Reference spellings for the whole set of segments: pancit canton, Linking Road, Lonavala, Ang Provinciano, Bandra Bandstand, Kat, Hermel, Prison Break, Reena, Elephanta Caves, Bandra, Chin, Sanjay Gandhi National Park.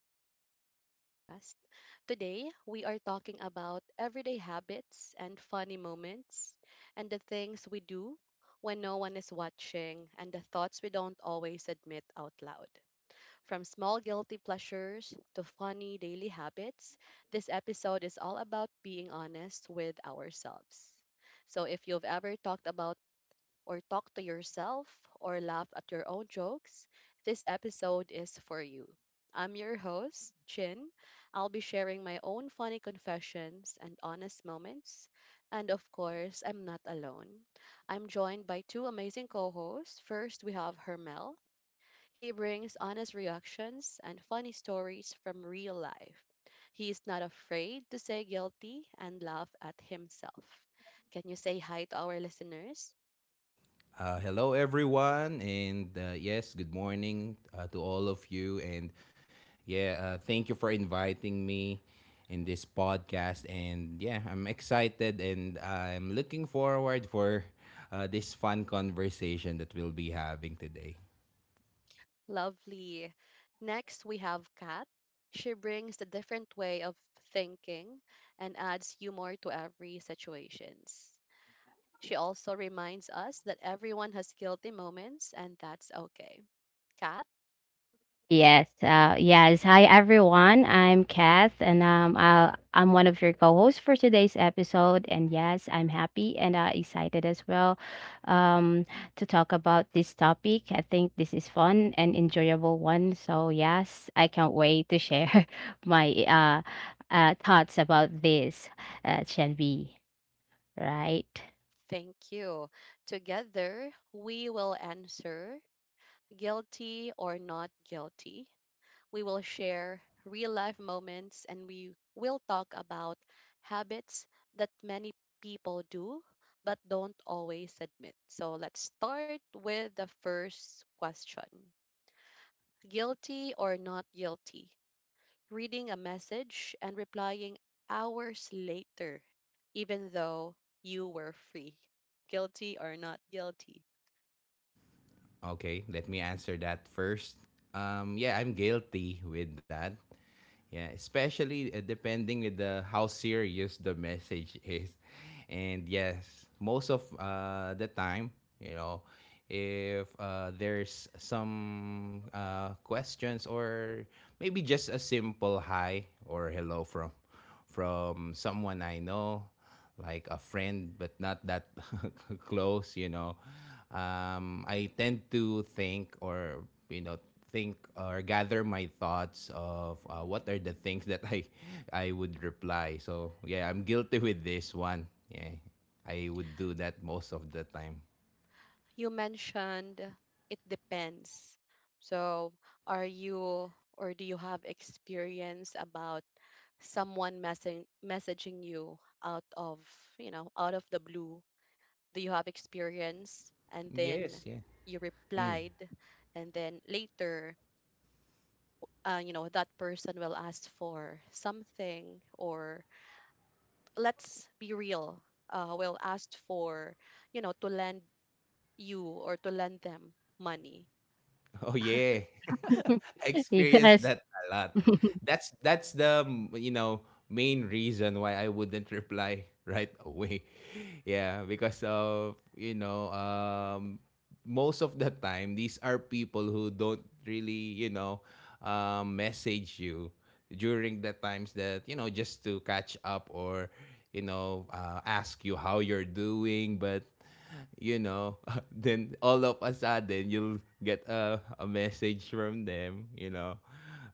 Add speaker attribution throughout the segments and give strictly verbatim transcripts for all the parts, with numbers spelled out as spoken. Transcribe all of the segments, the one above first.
Speaker 1: back to our podcast. Today, we are talking about everyday habits and funny moments, and the things we do when no one is watching, and the thoughts we don't always admit out loud. From small guilty pleasures to funny daily habits, this episode is all about being honest with ourselves. So, if you've ever talked about or talk to yourself, or laugh at your own jokes, this episode is for you. I'm your host, Chin. I'll be sharing my own funny confessions and honest moments. And of course, I'm not alone. I'm joined by two amazing co hosts. First, we have Hermel. He brings honest reactions and funny stories from real life. He is not afraid to say guilty and laugh at himself. Can you say hi to our listeners?
Speaker 2: Uh, hello, everyone, and uh, yes, good morning uh, to all of you. And yeah, uh, thank you for inviting me in this podcast. And yeah, I'm excited and I'm looking forward for uh, this fun conversation that we'll be having today.
Speaker 1: Lovely. Next, we have Kat. She brings a different way of thinking and adds humor to every situations. She also reminds us that everyone has guilty moments and that's okay. Kat,
Speaker 3: Yes. Uh, yes. Hi, everyone. I'm Kath, and um, i I'm one of your co-hosts for today's episode. And yes, I'm happy and uh, excited as well um, to talk about this topic. I think this is fun and enjoyable one. So yes, I can't wait to share my uh, uh, thoughts about this, uh, Shanbi. Right.
Speaker 1: thank you. Together, we will answer guilty or not guilty. We will share real life moments and we will talk about habits that many people do but don't always admit. So let's start with the first question. Guilty or not guilty? Reading a message and replying hours later, even though you were free. Guilty or not guilty?
Speaker 2: Okay, let me answer that first. Um, yeah, I'm guilty with that. Yeah, especially uh, depending with the how serious the message is, and yes, most of uh, the time, you know, if uh, there's some uh, questions or maybe just a simple hi or hello from from someone I know, like a friend, but not that close, you know. Um, I tend to think or, you know, think or gather my thoughts of uh, what are the things that I, I would reply. So, yeah, I'm guilty with this one. Yeah, I would do that most of the time.
Speaker 1: You mentioned it depends. So, are you or do you have experience about someone messaging messaging you out of, you know, out of the blue? Do you have experience, and then
Speaker 2: Yes, yeah.
Speaker 1: you
Speaker 2: Mm.
Speaker 1: replied and then later, uh, you know that person will ask for something, or let's be real, uh, will ask for, you know to lend you or to lend them money.
Speaker 2: Oh yeah. I experienced
Speaker 3: Yes.
Speaker 2: that a lot. That's that's the mm, you know main reason why I wouldn't reply right away. Yeah, because of you know um most of the time these are people who don't really, you know, um message you during the times that, you know, just to catch up or you know, uh, ask you how you're doing, but you know, then all of a sudden you'll get a, a message from them, you know,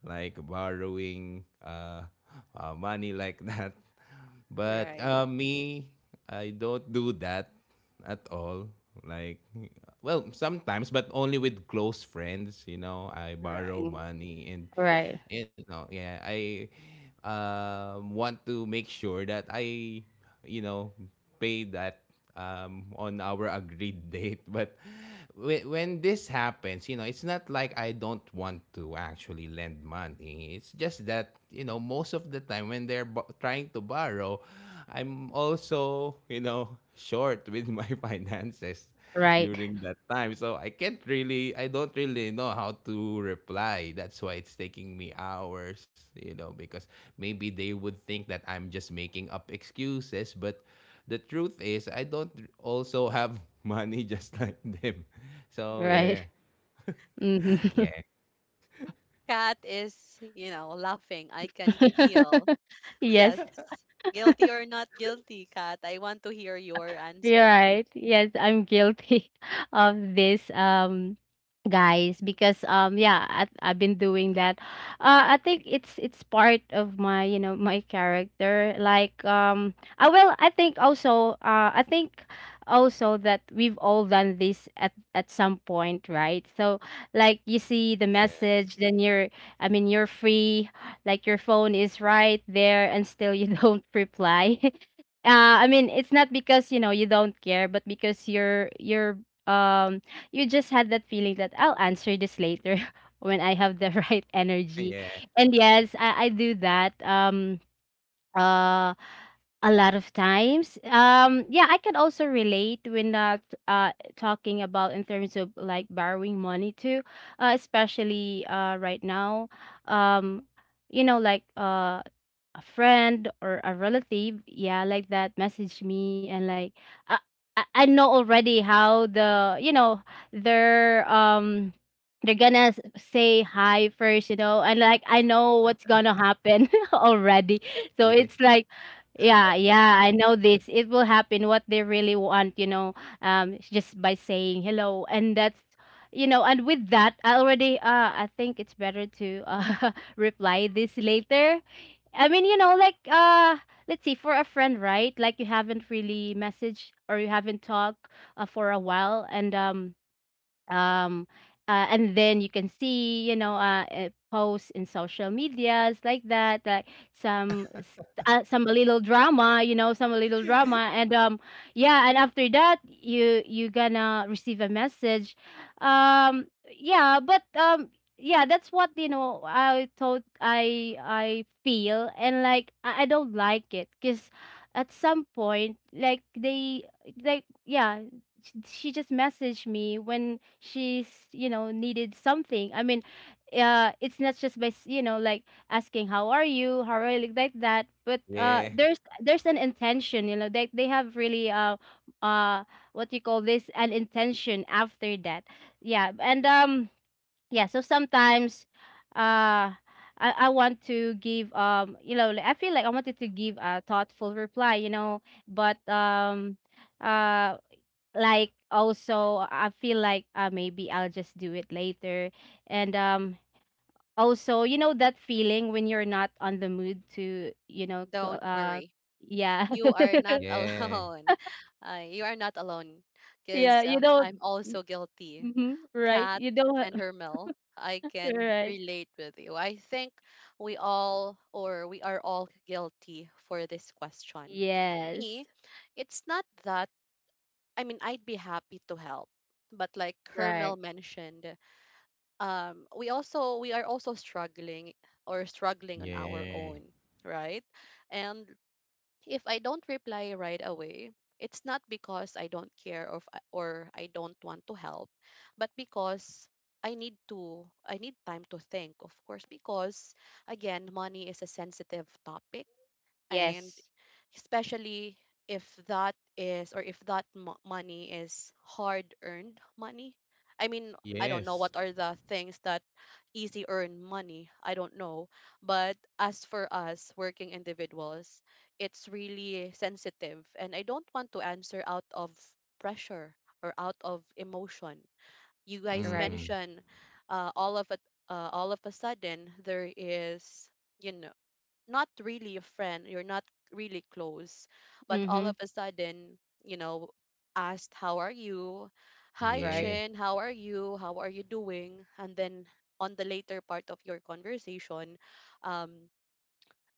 Speaker 2: like borrowing uh, uh, money like that. But
Speaker 1: Right.
Speaker 2: uh, me, I don't do that at all. Like, well, sometimes, but only with close friends, you know, I
Speaker 1: Right.
Speaker 2: borrow money. And
Speaker 3: Right.
Speaker 2: you know yeah, I um want to make sure that I you know pay that um on our agreed date. But whe- when this happens, you know, it's not like I don't want to actually lend money. It's just that, you know, most of the time when they're bo- trying to borrow, I'm also, you know short with my finances
Speaker 3: Right.
Speaker 2: during that time. So I can't really, I don't really know how to reply. That's why it's taking me hours, you know, because maybe they would think that I'm just making up excuses. But the truth is, I don't also have money just like them. So
Speaker 3: Right.
Speaker 2: yeah,
Speaker 3: Mhm.
Speaker 2: yeah,
Speaker 1: Cat is, you know, laughing. I can feel. Yes.
Speaker 3: Yes.
Speaker 1: Guilty or not guilty, Cat? I want to hear your
Speaker 3: You're
Speaker 1: answer.
Speaker 3: right. Yes, I'm guilty of this, um, guys, because um, yeah, I, I've been doing that. Uh, I think it's it's part of my you know my character. Like um, I will. I think also. Uh, I think also that we've all done this at at some point, right? So like you see the
Speaker 2: yeah,
Speaker 3: message, then you're. I mean, you're free. Like your phone is right there, and still you don't reply uh, I mean, it's not because you know you don't care, but because you're you're um you just had that feeling that I'll answer this later when I have the right energy.
Speaker 2: yeah,
Speaker 3: And yes, I, I do that um uh a lot of times. Um yeah, I can also relate when not uh talking about in terms of like borrowing money too, uh, especially uh right now. Um you know like uh a friend or a relative, yeah, like that, message me and like I I I know already how the you know they're um they're gonna s- say hi first, you know, and like I know what's gonna happen already. So
Speaker 2: yeah,
Speaker 3: it's like yeah, yeah, I know this. It will happen what they really want, you know, um it's just by saying hello and that's you know, and with that, I already uh I think it's better to uh reply this later. I mean, you know, like uh let's see, for a friend, right? Like you haven't really messaged or you haven't talked uh, for a while and um um uh, and then you can see you know uh, uh, posts in social medias like that like some s- uh, some little drama you know some little drama and um yeah and after that you you gonna receive a message. um yeah but um yeah, that's what you know i thought i i feel and like i, I don't like it because at some point like they like yeah sh- she just messaged me when she's you know needed something. I mean uh it's not just by s- you know like asking how are you how are you like like that but uh
Speaker 2: yeah,
Speaker 3: there's there's an intention you know they they have really uh uh what you call this an intention after that. Yeah and um yeah so sometimes uh I, I want to give um you know like, I feel like I wanted to give a thoughtful reply you know but um uh like also I feel like uh, maybe I'll just do it later. And um also you know that feeling when you're not on the mood to you know co-
Speaker 1: Don't
Speaker 3: uh
Speaker 1: worry.
Speaker 3: yeah.
Speaker 1: You are not
Speaker 2: yeah,
Speaker 1: alone. Uh, you are not alone
Speaker 3: Yeah
Speaker 1: because,
Speaker 3: you
Speaker 1: uh, I'm
Speaker 3: don't
Speaker 1: also guilty.
Speaker 3: hmm right
Speaker 1: Kat
Speaker 3: you don't
Speaker 1: and
Speaker 3: ha-
Speaker 1: Hermel, I can
Speaker 3: right.
Speaker 1: relate with you. I think we all or we are all guilty for this question.
Speaker 3: Yes.
Speaker 1: Me, it's not that. I mean, I'd be happy to help. But like
Speaker 3: Right.
Speaker 1: Hermel mentioned, um, we also we are also struggling or struggling on our
Speaker 2: yeah,
Speaker 1: own, right? And if I don't reply right away, it's not because I don't care or if I- or I don't want to help, but because I need to I need time to think, of course, because again, money is a sensitive topic, and
Speaker 3: Yes.
Speaker 1: especially if that is or if that mo- money is hard earned money. I mean, I don't know
Speaker 2: yes.
Speaker 1: what are the things that easy earn money. I don't know, but as for us working individuals, it's really sensitive, and I don't want to answer out of pressure or out of emotion. You guys
Speaker 3: Right.
Speaker 2: Mm,
Speaker 1: mention, uh, all of a uh, all of a sudden there is, you know, not really a friend, you're not really close, but all of
Speaker 3: Mm-hmm.
Speaker 1: a sudden, you know, asked, how are you? Hi,
Speaker 3: Right.
Speaker 2: yeah,
Speaker 1: Chin, how are you? How are you doing? And then on the later part of your conversation, um,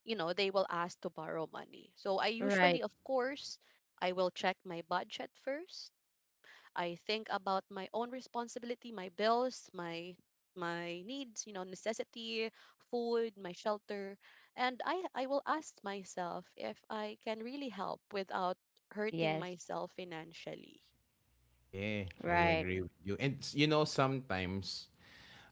Speaker 1: you know, they will ask to borrow money. So I usually,
Speaker 3: Right.
Speaker 1: of course, I will check my budget first. I think about my own responsibility, my bills, my my needs, you know, necessity, food, my shelter, and I I will ask myself if I can really help without hurting
Speaker 3: Yes.
Speaker 1: myself financially.
Speaker 2: yeah, I
Speaker 3: Right.
Speaker 2: agree with you. And s- you know, sometimes,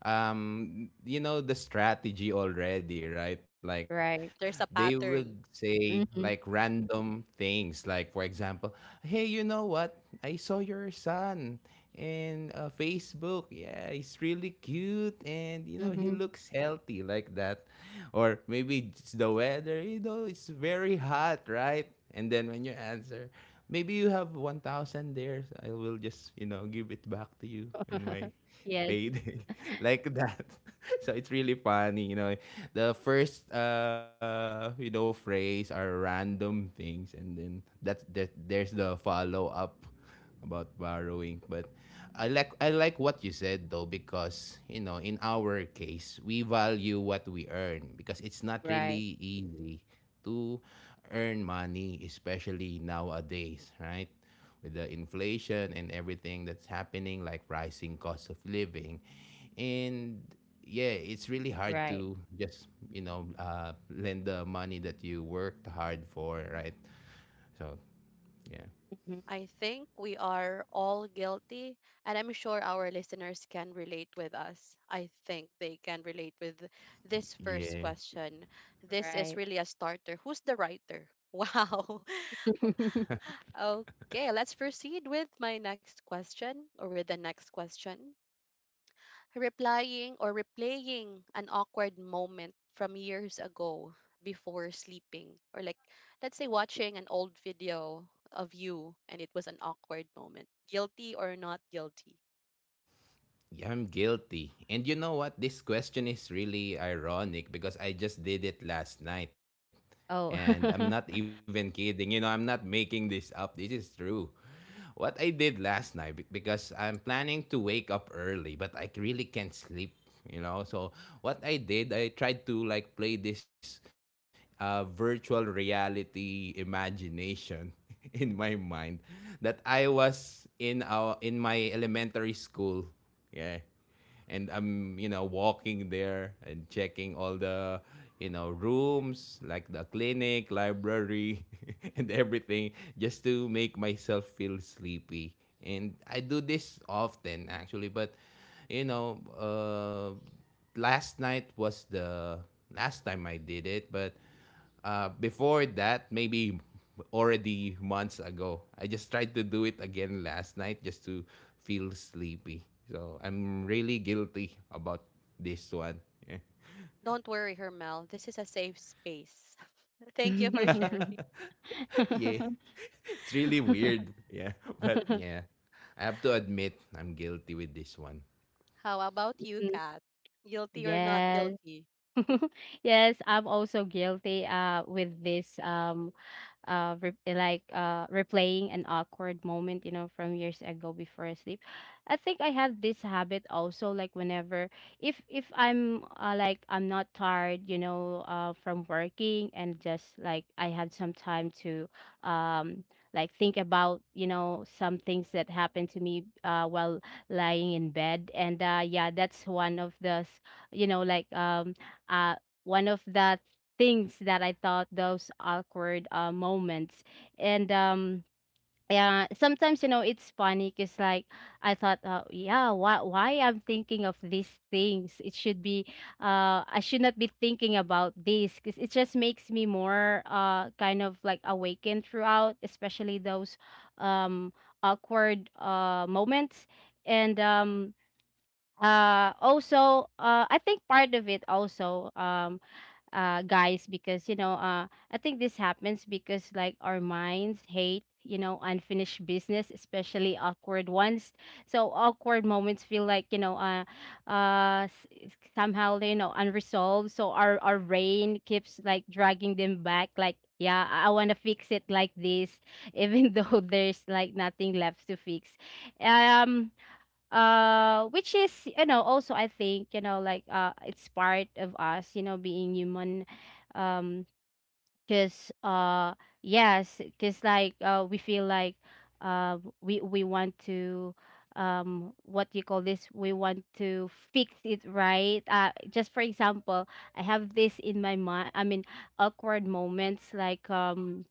Speaker 2: um you know, the strategy already, right? Like
Speaker 3: Right.
Speaker 2: they
Speaker 1: There's a
Speaker 2: would
Speaker 1: pattern.
Speaker 2: say like
Speaker 3: Mm-hmm.
Speaker 2: random things, like for example, hey, you know what? I saw your son in uh, Facebook. Yeah, he's really cute and, you know, he
Speaker 3: Mm-hmm.
Speaker 2: looks healthy like that. Or maybe it's the weather, you know, it's very hot, right? And then when you answer, maybe you have one thousand there, so I will just, you know, give it back to you in my
Speaker 3: Yes.
Speaker 2: payday like that. So it's really funny, you know, the first uh you know phrase are random things, and then that's that, there's the follow up about borrowing. But i like i like what you said though, because you know, in our case we value what we earn because it's not
Speaker 3: Right.
Speaker 2: really easy to earn money, especially nowadays, right? With the inflation and everything that's happening, like rising cost of living. And yeah, it's really hard
Speaker 3: Right.
Speaker 2: to just, you know, uh, lend the money that you worked hard for, right? So, yeah.
Speaker 3: Mhm.
Speaker 1: I think we are all guilty, and I'm sure our listeners can relate with us. I think they can relate with this first
Speaker 2: Yeah.
Speaker 1: question. This is
Speaker 3: Right.
Speaker 1: really a starter. Who's the writer? Wow. Okay, let's proceed with my next question, or with the next question. Replying or replaying an awkward moment from years ago before sleeping, or, like, let's say, watching an old video of you and it was an awkward moment. Guilty or not guilty?
Speaker 2: Yeah, I'm guilty. And you know what? This question is really ironic because I just did it last night. And
Speaker 3: Oh.
Speaker 2: I'm not even kidding. You know, I'm not making this up. This is true. What I did last night, be- because I'm planning to wake up early, but I really can't sleep, you know? So, what I did, I tried to like play this uh, virtual reality imagination in my mind that I was in our in my elementary school, yeah. And I'm, you know, walking there and checking all the, you know, rooms like the clinic, library, and everything just to make myself feel sleepy. And I do this often actually, but you know, uh last night was the last time I did it, but uh, before that, maybe already months ago, I just tried to do it again last night just to feel sleepy. So I'm really guilty about this one. Yeah.
Speaker 1: Don't worry, Hermel. This is a safe space. Thank you for sharing.
Speaker 3: Mhm.
Speaker 2: Yeah. It's really weird. Yeah. But yeah, I have to admit I'm guilty with this one.
Speaker 1: How about you, Kat? Guilty or not
Speaker 3: Yes.
Speaker 1: guilty?
Speaker 3: Yes, I'm also guilty uh with this um uh re- like uh replaying an awkward moment, you know, from years ago before sleep. I think I have this habit also like whenever if if I'm uh, like I'm not tired, you know, uh from working and just like I have some time to um like think about, you know, some things that happened to me uh while lying in bed and uh yeah, that's one of the s- you know like um uh, one of the things that I thought, those awkward uh, moments. And um, yeah, sometimes you know it's funny because like I thought, uh, yeah, why why I'm thinking of these things? It should be, uh, I should not be thinking about this because it just makes me more uh kind of like awakened throughout, especially those um awkward uh moments. And um uh Also uh I think part of it also um uh, guys, because you know, uh, I think this happens because like our minds hate, you know, unfinished business, especially awkward ones. So awkward moments feel like you know, uh, uh, s- s- somehow they you know unresolved. So our our brain keeps like dragging them back, like. Yeah, I want to fix it like this, even though there's like nothing left to fix. Um, uh which is you know also I think you know like uh it's part of us you know being human um because uh yes because like uh we feel like uh we we want to um what do you call this we want to fix it right uh just for example I have this in my mind. I mean awkward moments like um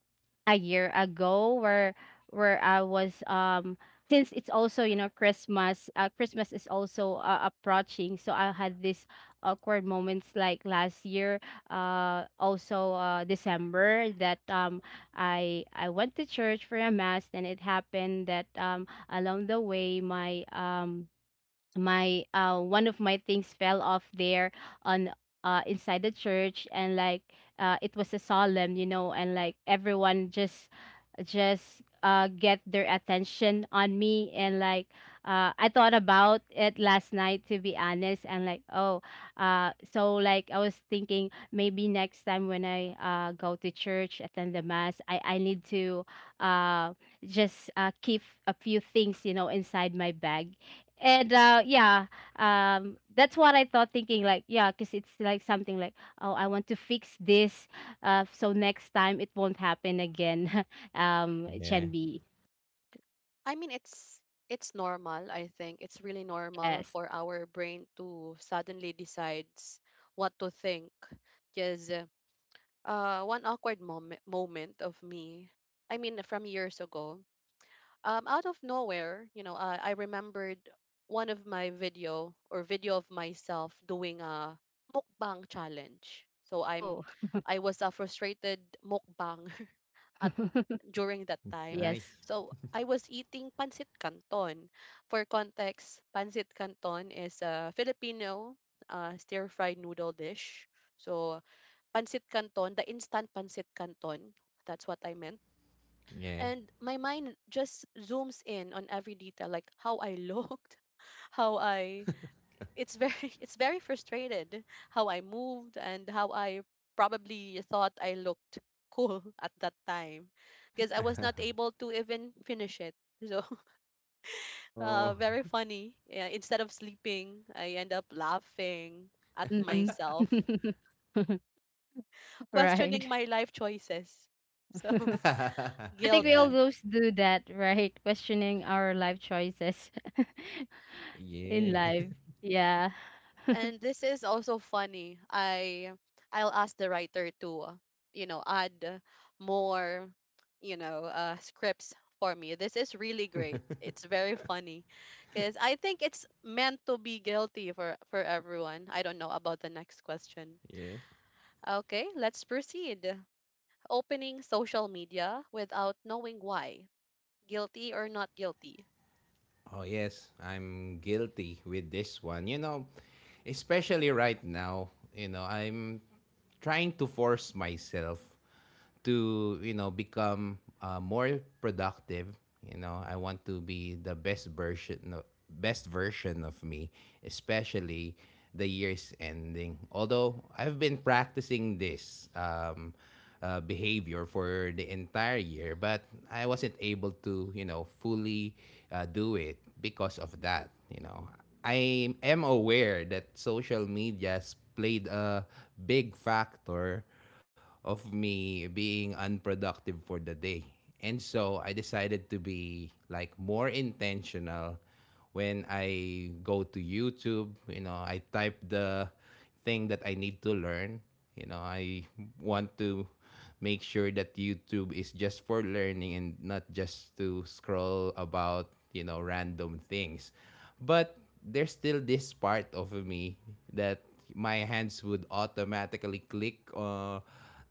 Speaker 3: a year ago where where I was um since it's also you know Christmas uh, Christmas is also uh, approaching so I had this awkward moments like last year uh also uh December that um I I went to church for a mass and it happened that um along the way my um my uh one of my things fell off there on uh inside the church and like uh it was a solemn you know and like everyone just just uh get their attention on me and like uh I thought about it last night to be honest and like oh uh so like I was thinking maybe next time when I uh go to church attend the mass I I need to uh just uh keep a few things you know inside my bag and uh yeah um that's what I thought thinking like yeah because it's like something like oh I want to fix this uh so next time it won't happen again. Um it
Speaker 2: Yeah.
Speaker 3: can be
Speaker 1: I mean, it's it's normal, I think. It's really normal
Speaker 3: yes.
Speaker 1: for our brain to suddenly decides what to think. Because uh, uh, one awkward moment moment of me, I mean, from years ago, um, out of nowhere, you know, uh, I remembered one of my video or video of myself doing a mukbang challenge. So, I'm,
Speaker 3: Oh.
Speaker 1: I was a frustrated mukbang at during that time.
Speaker 3: Yes.
Speaker 2: Nice.
Speaker 1: So I was eating pancit canton. For context, pancit canton is a Filipino, uh, stir-fried noodle dish. So pancit canton, the instant pancit canton, that's what I meant.
Speaker 2: Yeah.
Speaker 1: And my mind just zooms in on every detail, like how I looked, how I it's very it's very frustrated, how I moved and how I probably thought I looked cool at that time, because I was not able to even finish it. So, uh,
Speaker 2: Oh.
Speaker 1: very funny. Yeah, instead of sleeping, I end up laughing at
Speaker 3: Mm-hmm.
Speaker 1: myself, questioning
Speaker 3: Right.
Speaker 1: my life choices. So,
Speaker 3: I think we
Speaker 2: Yeah.
Speaker 1: guilty.
Speaker 3: always do that, right? Questioning our life choices in
Speaker 2: Yeah.
Speaker 3: life. Yeah.
Speaker 1: And this is also funny. I I'll ask the writer to, uh, you know, add more, you know, uh, scripts for me. This is really great. It's very funny because I think it's meant to be guilty for for everyone. I don't know about the next question.
Speaker 2: Yeah.
Speaker 1: Okay, let's proceed. Opening social media without knowing why. Guilty or not guilty?
Speaker 2: Oh, yes, I'm guilty with this one. You know, especially right now, you know, I'm trying to force myself to, you know, become uh, more productive. You know, I want to be the best version of, best version of me, especially the year's ending. Although I've been practicing this um, uh, behavior for the entire year, but I wasn't able to, you know, fully uh, do it because of that. You know, I am aware that social medias played a big factor of me being unproductive for the day. And so I decided to be like more intentional when I go to YouTube, you know, I type the thing that I need to learn. You know, I want to make sure that YouTube is just for learning and not just to scroll about, you know, random things. But there's still this part of me that my hands would automatically click uh,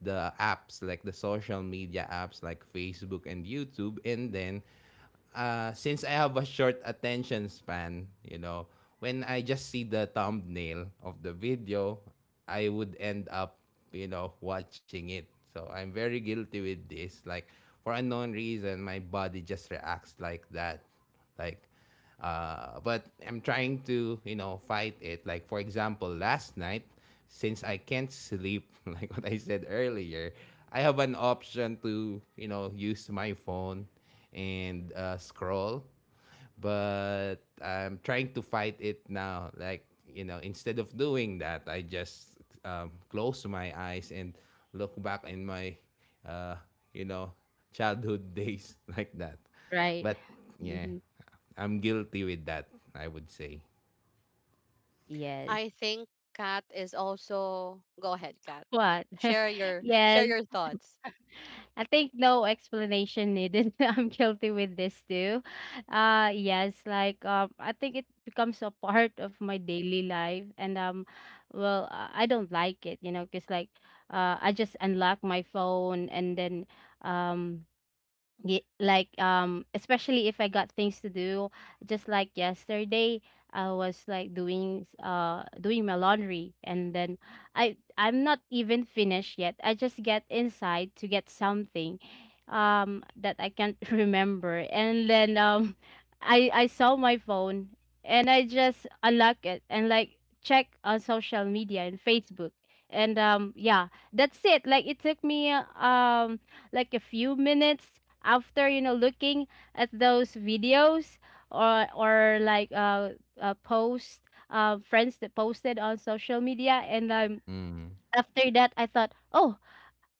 Speaker 2: the apps like the social media apps like Facebook and YouTube, and then uh, since I have a short attention span, you know, when I just see the thumbnail of the video, I would end up, you know, watching it. So I'm very guilty with this. Like for unknown reason, my body just reacts like that. Like, uh, but I'm trying to, you know, fight it. Like for example, last night, since I can't sleep, like what I said earlier, I have an option to, you know, use my phone and uh, scroll. But I'm trying to fight it now. Like, you know, instead of doing that, I just um, close my eyes and look back in my, uh, you know, childhood days like that.
Speaker 3: Right.
Speaker 2: But yeah,
Speaker 3: Hmm.
Speaker 2: I'm guilty with that, I would say.
Speaker 3: Yes.
Speaker 1: I think Kat is also. Go ahead, Kat.
Speaker 3: What?
Speaker 1: Share your
Speaker 3: Yes,
Speaker 1: share your thoughts.
Speaker 3: I think no explanation needed. I'm guilty with this too. Uh yes, like um I think it becomes a part of my daily life and um well uh, I don't like it, you know, cuz like uh I just unlock my phone and then um Ye like, um, especially if I got things to do, just like yesterday, I was like doing s- uh doing my laundry and then I I'm not even finished yet. I just get inside to get something um that I can't remember. And then um I I saw my phone and I just unlock it and like check on social media and Facebook. And um yeah, that's it. Like it took me uh, um like a few minutes after you know looking at those videos or or like uh, uh post uh, friends that posted on social media and um
Speaker 2: Mm.
Speaker 3: after that I thought oh I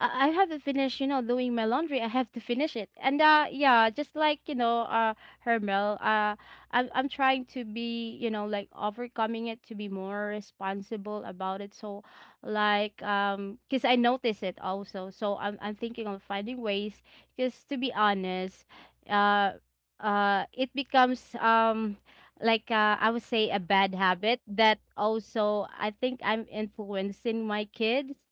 Speaker 3: I haven't finished, you know, doing my laundry. I have to finish it. And uh yeah, just like, you know, uh Hermel, uh I'm I'm trying to be, you know, like overcoming it to be more responsible about it. So like um cuz I notice it also. So I'm I'm thinking of finding ways cuz to be honest, uh uh it becomes um like uh, I would say a bad habit that also I think I'm influencing my kids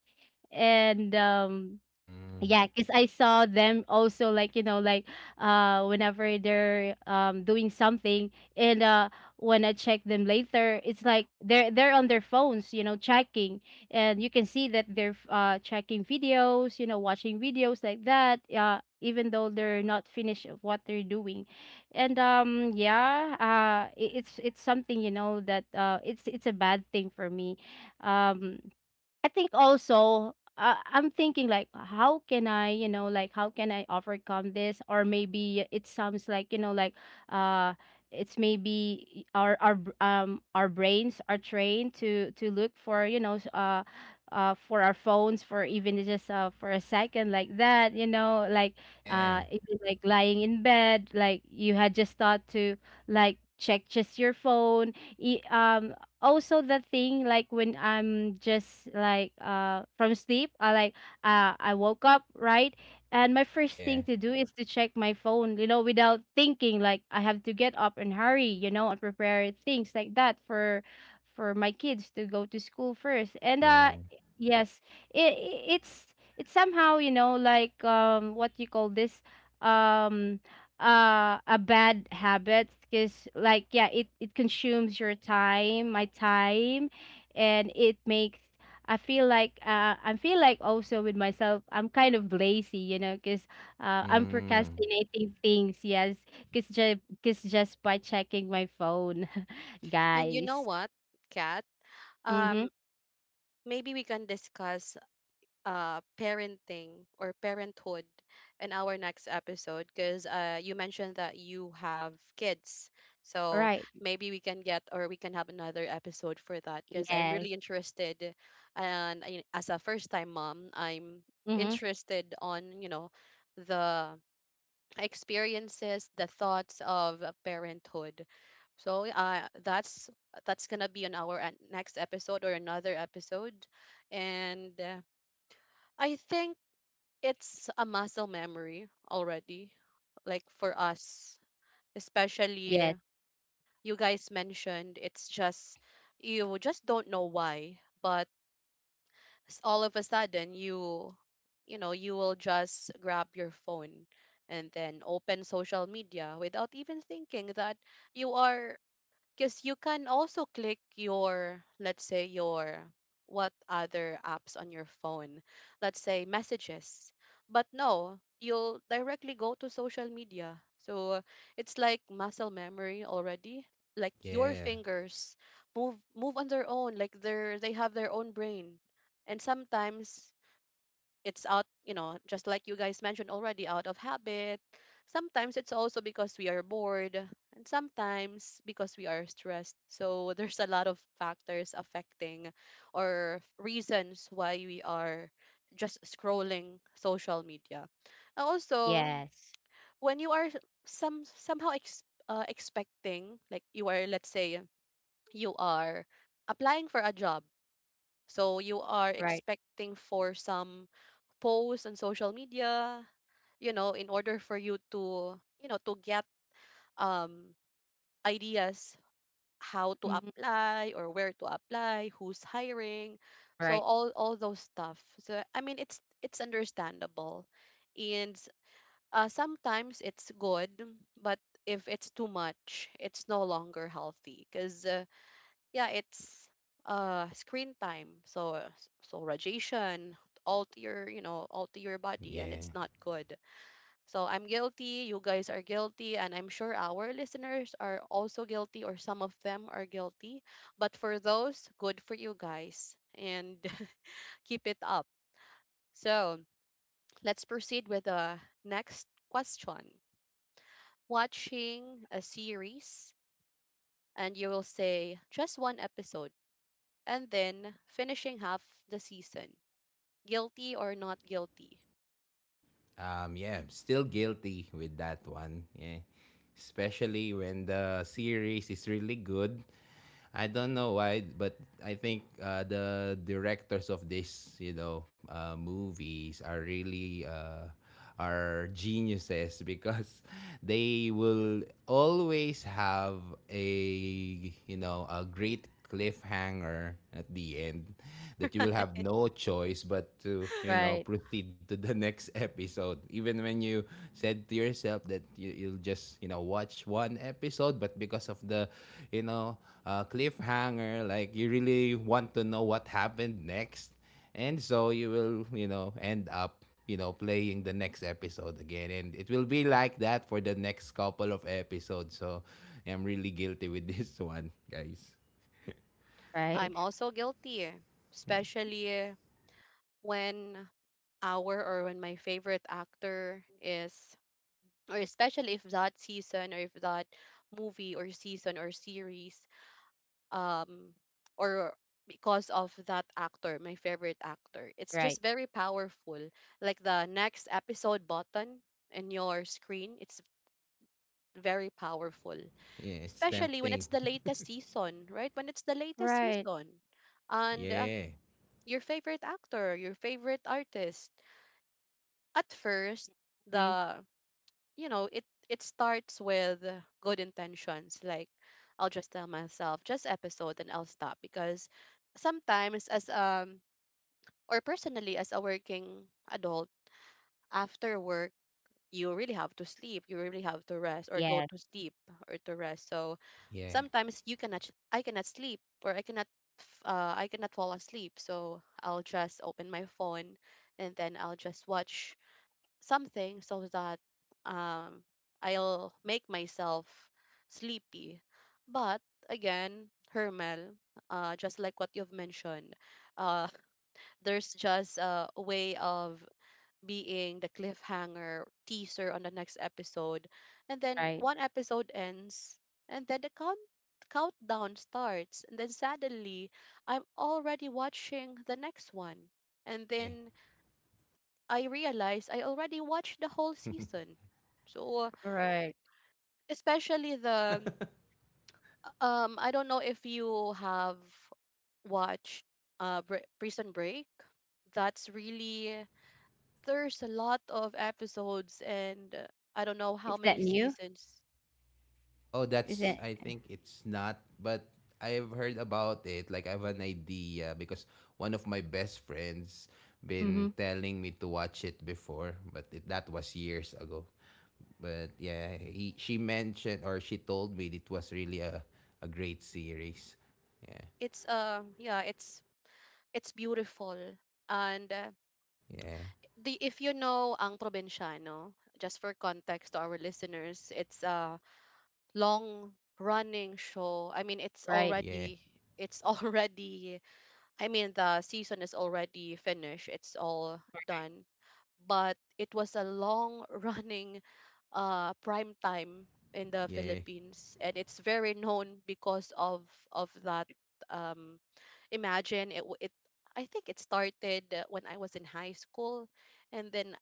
Speaker 3: and um
Speaker 2: Mm.
Speaker 3: yeah, because I saw them also like, you know, like uh whenever they're um doing something and uh when I check them later, it's like they're they're on their phones, you know, checking. And you can see that they're uh checking videos, you know, watching videos like that, uh even though they're not finished of what they're doing. And um yeah, uh it, it's it's something, you know, that uh it's it's a bad thing for me. Um I think also uh, I'm thinking like how can I, you know like how can I overcome this? Or maybe it sounds like, you know like uh it's maybe our our br- um our brains are trained to to look for, you know s- uh uh for our phones for even just uh for a second like that, you know like
Speaker 2: Yeah.
Speaker 3: uh even like lying in bed, like you had just thought to like check just your phone. e- um Also the thing like when I'm just like, uh from sleep, I like, uh I woke up, right, and my first
Speaker 2: Yeah.
Speaker 3: thing to do is to check my phone, you know, without thinking like I have to get up and hurry, you know, and prepare things like that for for my kids to go to school first. And uh
Speaker 2: Yeah.
Speaker 3: Yes, it, it it's it's somehow, you know, like, um what you call this, um uh a bad habit, because like, yeah, it it consumes your time, my time, and it makes, I feel like, uh I feel like also with myself, I'm kind of lazy, you know, because uh I'm
Speaker 2: Mm.
Speaker 3: procrastinating things. Yes, because just because just by checking my phone.
Speaker 1: And you know
Speaker 3: Guys.
Speaker 1: what, Kat?
Speaker 3: Mm-hmm.
Speaker 1: Um, Maybe we can discuss uh parenting or parenthood in our next episode, because uh you mentioned that you have kids. So
Speaker 3: Right.
Speaker 1: maybe we can get, or we can have, another episode for that, because I'm really
Speaker 3: Yes.
Speaker 1: interested, and I- as a first time mom, I'm
Speaker 3: Mm-hmm.
Speaker 1: interested on, you know, the experiences, the thoughts of parenthood. So, uh, that's that's gonna be on our an- next episode, or another episode. And, uh, I think it's a muscle memory already, like for us,
Speaker 3: Yes.
Speaker 1: especially, you guys mentioned, it's just, you just don't know why, but, s- all of a sudden, you you know you will just grab your phone and then open social media without even thinking that you are, because you can also click your, let's say, your what other apps on your phone, let's say, messages. But no, you'll directly go to social media. So it's like muscle memory already. Like your
Speaker 2: Yeah.
Speaker 1: fingers move move on their own. Like they're they have their own brain. And sometimes it's out, you know, just like you guys mentioned, already out of habit. Sometimes it's also because we are bored, and sometimes because we are stressed, so there's a lot of factors affecting, or reasons why we are just scrolling social media. And also
Speaker 3: Yes.
Speaker 1: when you are some somehow ex- uh, expecting, like, you are, let's say, you are applying for a job, so you are
Speaker 3: Right.
Speaker 1: expecting for some posts on social media, you know, in order for you to, you know, to get, um, ideas how to
Speaker 3: Mm-hmm.
Speaker 1: apply or where to apply, who's hiring. So,
Speaker 3: Right.
Speaker 1: all all those stuff. So I mean it's it's understandable. And, uh, sometimes it's good, but if it's too much, it's no longer healthy because, uh, yeah, it's uh screen time. So so radiation, all to your, you know, all to your body, and it's
Speaker 2: Yeah.
Speaker 1: not good. So I'm guilty, you guys are guilty, and I'm sure our listeners are also guilty, or some of them are guilty. But for those, good for you guys, and keep it up. So, let's proceed with the next question. Watching a series and you will say just one episode and then finishing half the season. Guilty or not guilty?
Speaker 2: Um, yeah, I'm still guilty with that one. Yeah. Especially when the series is really good. I don't know why, but I think uh, the directors of this, you know, uh, movies are really uh, are geniuses because they will always have a you know a great cliffhanger at the end that you will have no choice but to you know
Speaker 3: Right.
Speaker 2: proceed to the next episode, even when you said to yourself that you, you'll just, you know watch one episode. But because of the you know uh, cliffhanger, like you really want to know what happened next, and so you will, you know end up, you know playing the next episode again, and it will be like that for the next couple of episodes. So I'm really guilty with this one, guys.
Speaker 3: Right.
Speaker 1: I'm also guilty, especially when our or when my favorite actor is, or especially if that season, or if that movie or season or series, um, or because of that actor, my favorite actor, it's just
Speaker 3: Right.
Speaker 1: very powerful. Like the next episode button in your screen, it's very powerful,
Speaker 2: Yeah, it's
Speaker 1: especially when it's
Speaker 2: tempting.
Speaker 1: the latest season, right? When it's the latest
Speaker 3: Right.
Speaker 1: season, and, uh,
Speaker 2: Yeah.
Speaker 1: your favorite actor, your favorite artist. At first,
Speaker 3: Mm-hmm.
Speaker 1: the you know it it starts with good intentions, like, I'll just tell myself just episode and I'll stop, because sometimes, as um or personally as a working adult, after work you really have to sleep, you really have to rest or go
Speaker 3: Yes.
Speaker 1: to sleep or to rest, so
Speaker 2: Yeah.
Speaker 1: sometimes you cannot, sh- I cannot sleep, or I cannot, f- uh, I cannot fall asleep, so I'll just open my phone and then I'll just watch something so that, um I'll make myself sleepy. But again, Hermel, uh, just like what you've mentioned, uh, there's just, uh, a way of being the cliffhanger teaser on the next episode. And then
Speaker 3: Right,
Speaker 1: one episode ends, and then the count countdown starts. And then suddenly, I'm already watching the next one. And
Speaker 2: Yeah.
Speaker 1: then I realize I already watched the whole season. So,
Speaker 3: right.
Speaker 1: especially the um, I don't know if you have watched uh Br- Prison Break. That's really there's a lot of episodes and uh, I don't know how
Speaker 3: Is
Speaker 1: many
Speaker 3: that new?
Speaker 1: seasons.
Speaker 2: Oh,
Speaker 3: Is
Speaker 2: that's,
Speaker 3: it?
Speaker 2: I think it's not. But I've heard about it, like I have an idea because one of my best friends been
Speaker 3: Mhm.
Speaker 2: telling me to watch it before, but it, that was years ago. But yeah, he, she mentioned or she told me it was really a, a great series. Yeah.
Speaker 1: It's uh yeah, it's it's beautiful. And uh,
Speaker 2: Yeah.
Speaker 1: the if you know Ang Provinciano, just for context to our listeners, it's a long running show. I mean, it's
Speaker 3: Right.
Speaker 2: Yeah.
Speaker 1: already it's already. I mean, the season is already finished. It's all done, but it was a long running uh prime time in the
Speaker 2: Yeah.
Speaker 1: Philippines, and it's very known because of of that. um Imagine it w- it I think it started uh, when I was in high school, and then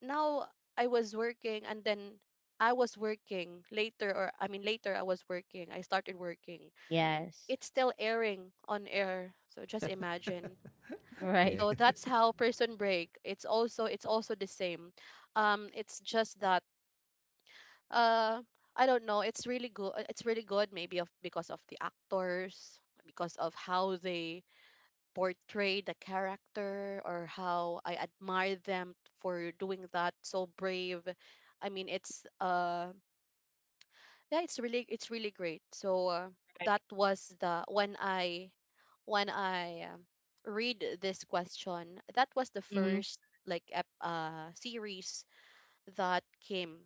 Speaker 1: now I was working, and then I was working later, or I mean later I was working, I started working,
Speaker 3: Yes.
Speaker 1: it's still airing on air. So just imagine,
Speaker 2: Yeah.
Speaker 3: Right.
Speaker 1: so that's how person break. It's also it's also the same. Um, it's just that uh, I don't know. It's really good. It's really good. Maybe of because of the actors, because of how they portray the character, or how I admire them for doing that. So brave. I mean, it's uh, yeah, it's really it's really great. So uh, that was the when i when i um, read this question. That was the
Speaker 3: Mhm.
Speaker 1: first like ep- uh series that came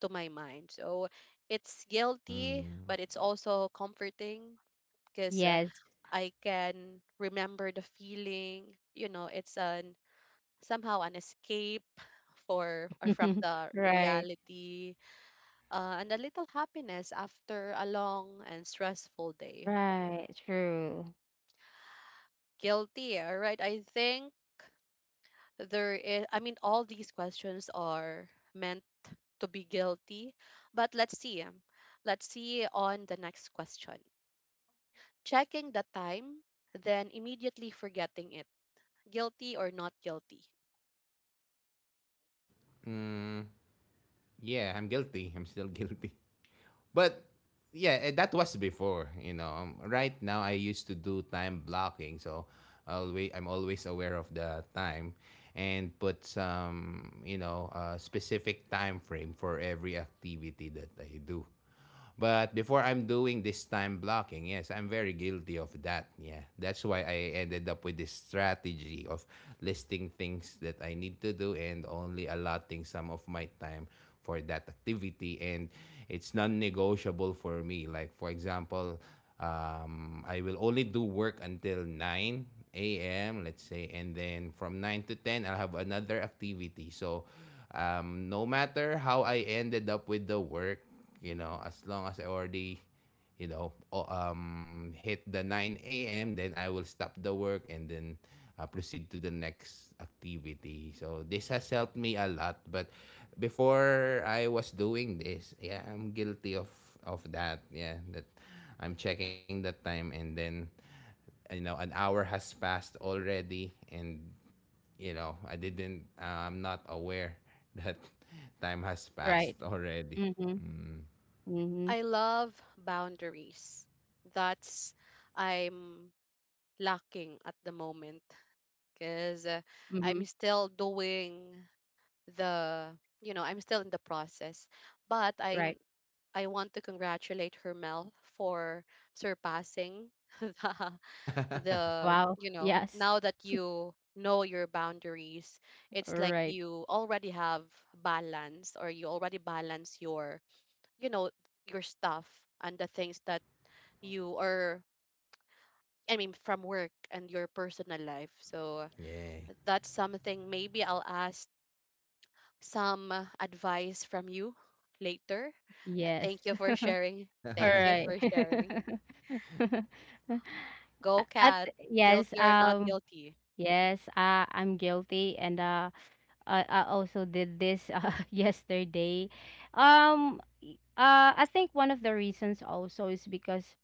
Speaker 1: to my mind. So it's guilty,
Speaker 2: Mm.
Speaker 1: but it's also comforting because uh,
Speaker 3: Yes.
Speaker 1: I can remember the feeling, you know, it's an somehow an escape for or from the
Speaker 3: Right.
Speaker 1: reality, uh, and a little happiness after a long and stressful day.
Speaker 3: Right. True.
Speaker 1: Guilty, all right? I think there is, I mean, all these questions are meant to be guilty, but let's see. um, Let's see on the next question. Checking the time, then immediately forgetting it. Guilty or not guilty?
Speaker 2: Mm. Yeah, I'm guilty. I'm still guilty. But yeah, eh, that was before. You know, um, right now I used to do time blocking, so always I'm always aware of the time and put some, you know, uh, specific time frame for every activity that I do. But before I'm doing this time blocking, yes, I'm very guilty of that. Yeah, that's why I ended up with this strategy of listing things that I need to do and only allotting some of my time for that activity, and it's non-negotiable for me, like for example, um, I will only do work until nine a m, let's say, and then from nine to ten I'll have another activity. So um, no matter how I ended up with the work, you know, as long as I already, you know, um, hit the nine a m, then I will stop the work and then uh, proceed to the next activity. So this has helped me a lot. But before I was doing this, yeah, I'm guilty of of that. Yeah, that I'm checking the time and then, you know, an hour has passed already and, you know, I didn't uh, I'm not aware that time has passed
Speaker 3: Right.
Speaker 2: already.
Speaker 3: Mhm.
Speaker 2: Mm.
Speaker 3: Mhm.
Speaker 1: I love boundaries. That's, I'm lacking at the moment because I'm
Speaker 3: Mhm.
Speaker 1: still doing the, you know, i'm still in the process, but i
Speaker 3: Right.
Speaker 1: i want to congratulate Hermel for surpassing the, the
Speaker 3: Wow.
Speaker 1: you know,
Speaker 3: Yes.
Speaker 1: now that you know your boundaries, it's like
Speaker 3: Right.
Speaker 1: you already have balance, or you already balance your, you know, your stuff and the things that you are, I mean, from work and your personal life. So
Speaker 2: Yeah.
Speaker 1: that's something maybe I'll ask some uh, advice from you later. Uh,
Speaker 3: Yes.
Speaker 1: Thank you for sharing.
Speaker 3: All
Speaker 1: Thank you
Speaker 3: right.
Speaker 1: for sharing. Go,
Speaker 3: A- At
Speaker 1: cat.
Speaker 3: Yes,
Speaker 1: Guilty or not
Speaker 3: um,
Speaker 1: guilty.
Speaker 3: yes, uh, I'm guilty, and uh, I, I also did this uh, yesterday. Um, Uh, I think one of the reasons also is because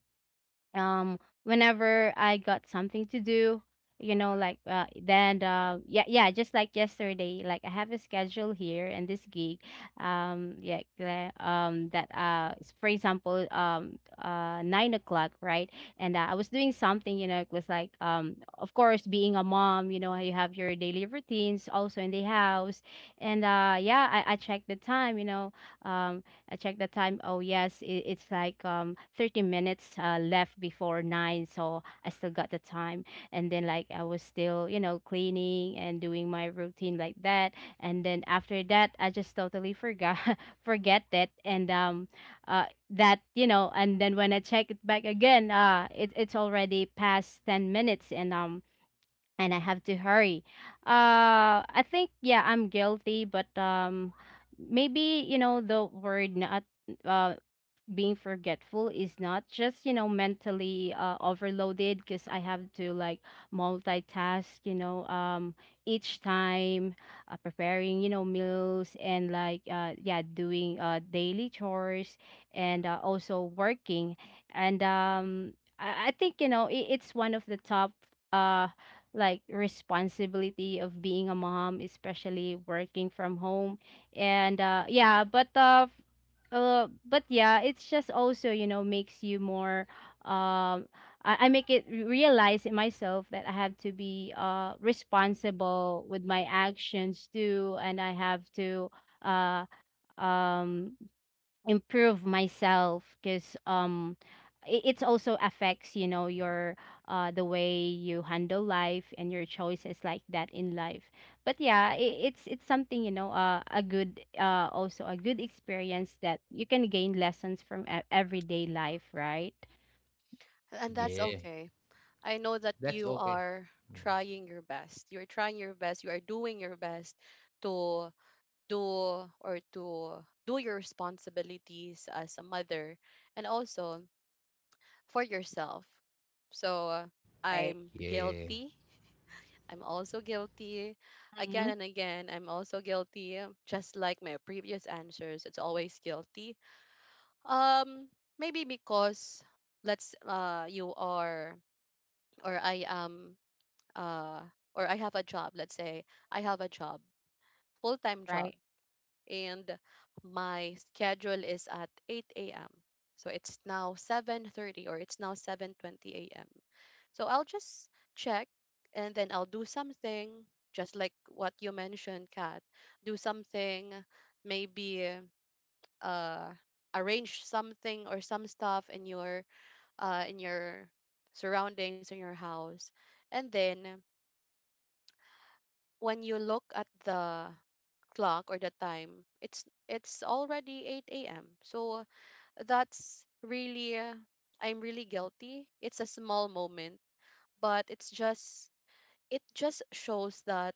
Speaker 3: um whenever I got something to do, you know, like, uh, then uh yeah, yeah, just like yesterday, like I have a schedule here and this gig. Um yeah the- um that uh s- for example, um uh nine o'clock, right, and uh, I was doing something, you know, it was like, um of course being a mom, you know, you have your daily routines also in the house, and uh yeah, I I checked the time, you know, um I check the time. Oh yes, it, it's like um thirty minutes uh, left before nine, so I still got the time. And then like I was still, you know, cleaning and doing my routine like that. And then after that, I just totally forgot forget that. And um, uh, That, you know, and then when I check it back again, uh, it, it's already past ten minutes, and um and I have to hurry. Uh, I think yeah, I'm guilty, but um, maybe you know the word not. Uh, Being forgetful is not just, you know, mentally uh, overloaded, because I have to like multitask, you know, um each time uh, preparing, you know, meals and like, uh yeah, doing uh daily chores, and uh, also working, and um i, I think, you know, it, it's one of the top uh like responsibility of being a mom, especially working from home. And uh yeah but uh uh, But yeah, it's just also, you know, makes you more, um I, I make it realize in myself that I have to be uh responsible with my actions too, and I have to, uh um improve myself, because um it, it's also affects, you know, your uh the way you handle life and your choices like that in life. But yeah, it, it's it's something, you know, uh, a good uh also a good experience that you can gain lessons from e- everyday life, right?
Speaker 1: And that's
Speaker 2: Yeah,
Speaker 1: okay. I know that
Speaker 2: that's
Speaker 1: you
Speaker 2: okay.
Speaker 1: are trying your best. You're trying your best. You are doing your best to do or to do your responsibilities as a mother and also for yourself. So uh,
Speaker 3: Right.
Speaker 1: I'm
Speaker 2: Yeah,
Speaker 1: guilty, I'm also guilty. Again
Speaker 3: Hmm.
Speaker 1: and again, I'm also guilty. Just like my previous answers, it's always guilty. Um, Maybe because, let's uh you are, or I am, uh or I have a job. Let's say I have a job, full time job,
Speaker 3: Right,
Speaker 1: and my schedule is at eight a m. So it's now seven thirty, or it's now seven twenty a m. So I'll just check, and then I'll do something, just like what you mentioned, Kat. Do something, maybe uh arrange something or some stuff in your uh in your surroundings in your house, and then when you look at the clock or the time, it's it's already eight a m. So that's really uh, I'm really guilty. It's a small moment, but it's just it just shows that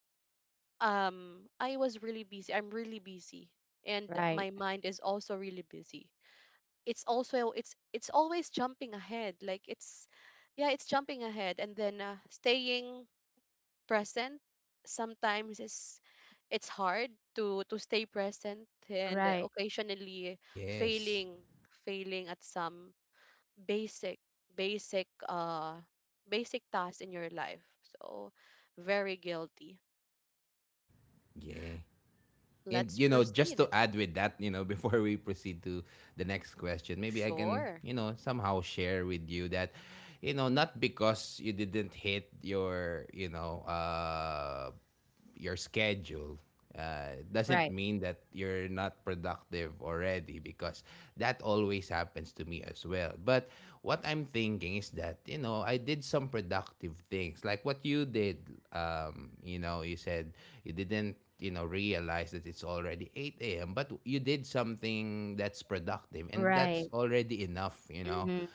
Speaker 1: um I was really busy. I'm really busy, and
Speaker 3: right,
Speaker 1: my mind is also really busy. It's also it's it's always jumping ahead. Like it's, yeah, it's jumping ahead, and then uh, staying present sometimes is it's hard to to stay present, and
Speaker 3: right,
Speaker 1: occasionally
Speaker 2: yes,
Speaker 1: failing failing at some basic basic uh basic tasks in your life, so very guilty.
Speaker 2: yeah. And
Speaker 1: Let's
Speaker 2: you know, just
Speaker 1: proceed.
Speaker 2: to add with that, you know, before we proceed to the next question, maybe I can,
Speaker 1: Sure,
Speaker 2: you know, somehow share with you that, you know, not because you didn't hit your, you know, uh, your schedule uh,
Speaker 3: right,
Speaker 2: doesn't mean that you're not productive already, because that always happens to me as well. But what I'm thinking is that, you know, I did some productive things like what you did. Um, you know, you said you didn't, you know, realize that it's already eight a m, but you did something that's productive and
Speaker 3: right.
Speaker 2: that's already enough, you know
Speaker 3: Mhm,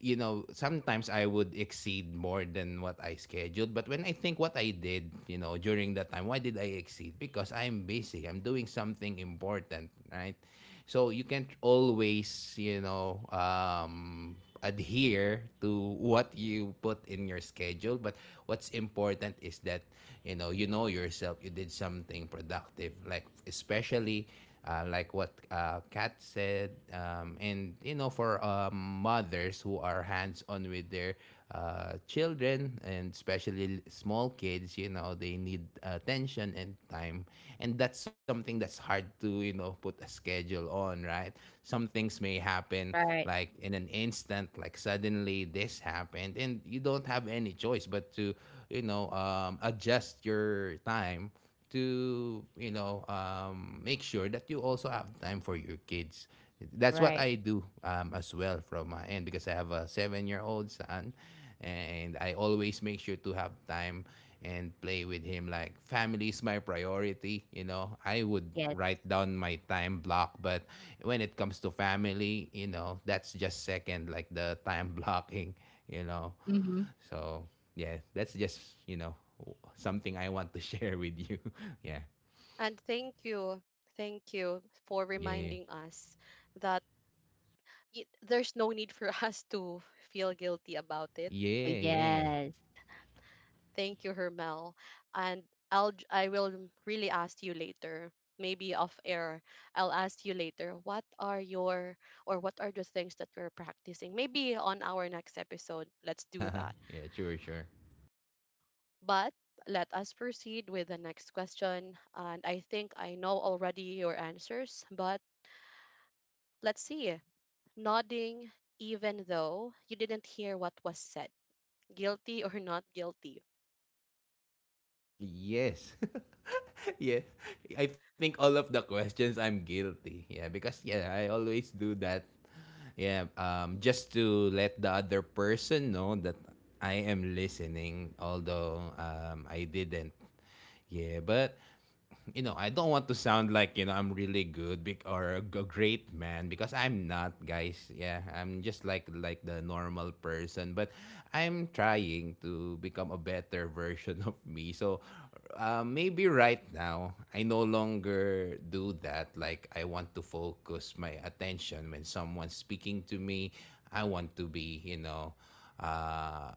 Speaker 2: You know, sometimes I would exceed more than what I scheduled. But when I think what I did, you know, during that time, why did I exceed? Because I'm busy. I'm doing something important, right? So you can't always, you know, um, adhere to what you put in your schedule. But what's important is that, you know, you know yourself. You did something productive, like especially uh, like what uh, Kat said, um, and you know, for um, mothers who are hands on with their uh, children, and especially small kids, you know, they need attention and time, and that's something that's hard to, you know put a schedule on, right? Some things may happen,
Speaker 3: right,
Speaker 2: like in an instant, like suddenly this happened, and you don't have any choice but to, you know um, adjust your time to, you know um, make sure that you also have time for your kids. That's what
Speaker 3: right.
Speaker 2: I do, um, as well, from my end, because I have a seven year old son, and I always make sure to have time and play with him. Like, family is my priority. You know, I would
Speaker 3: Yes.
Speaker 2: write down my time block, but when it comes to family, you know, that's just second, like the time blocking, you know.
Speaker 3: Mhm.
Speaker 2: So yeah, that's just, you know, something I want to share with you. Yeah,
Speaker 1: and thank you, thank you for
Speaker 2: yeah,
Speaker 1: reminding us that y- there's no need for us to feel guilty about it.
Speaker 2: yeah, yeah,
Speaker 3: Yes.
Speaker 1: Thank you, Hermel. And I'll j- I will mm, really ask you later, maybe off air. I'll ask you later, what are your or what are the things that you're practicing? Maybe on our next episode, let's do
Speaker 2: yeah.
Speaker 1: that.
Speaker 2: Sure, sure.
Speaker 1: But let us proceed with the next question. And I think I know already your answers, but let's see. Nodding even though you didn't hear what was said. Guilty or not guilty.
Speaker 2: Yes, yeah. I think all of the questions I'm guilty. Yeah, because yeah, I always do that. Yeah, um, just to let the other person know that I am listening, although um, I didn't. Yeah, but you know, I don't want to sound like, you know, I'm really good bec- or a g- great man, because I'm not, guys. Yeah, I'm just like like the normal person, but I'm trying to become a better version of me. So, uh, maybe right now I no longer do that. Like, I want to focus my attention when someone's speaking to me. I want to be, you know, uh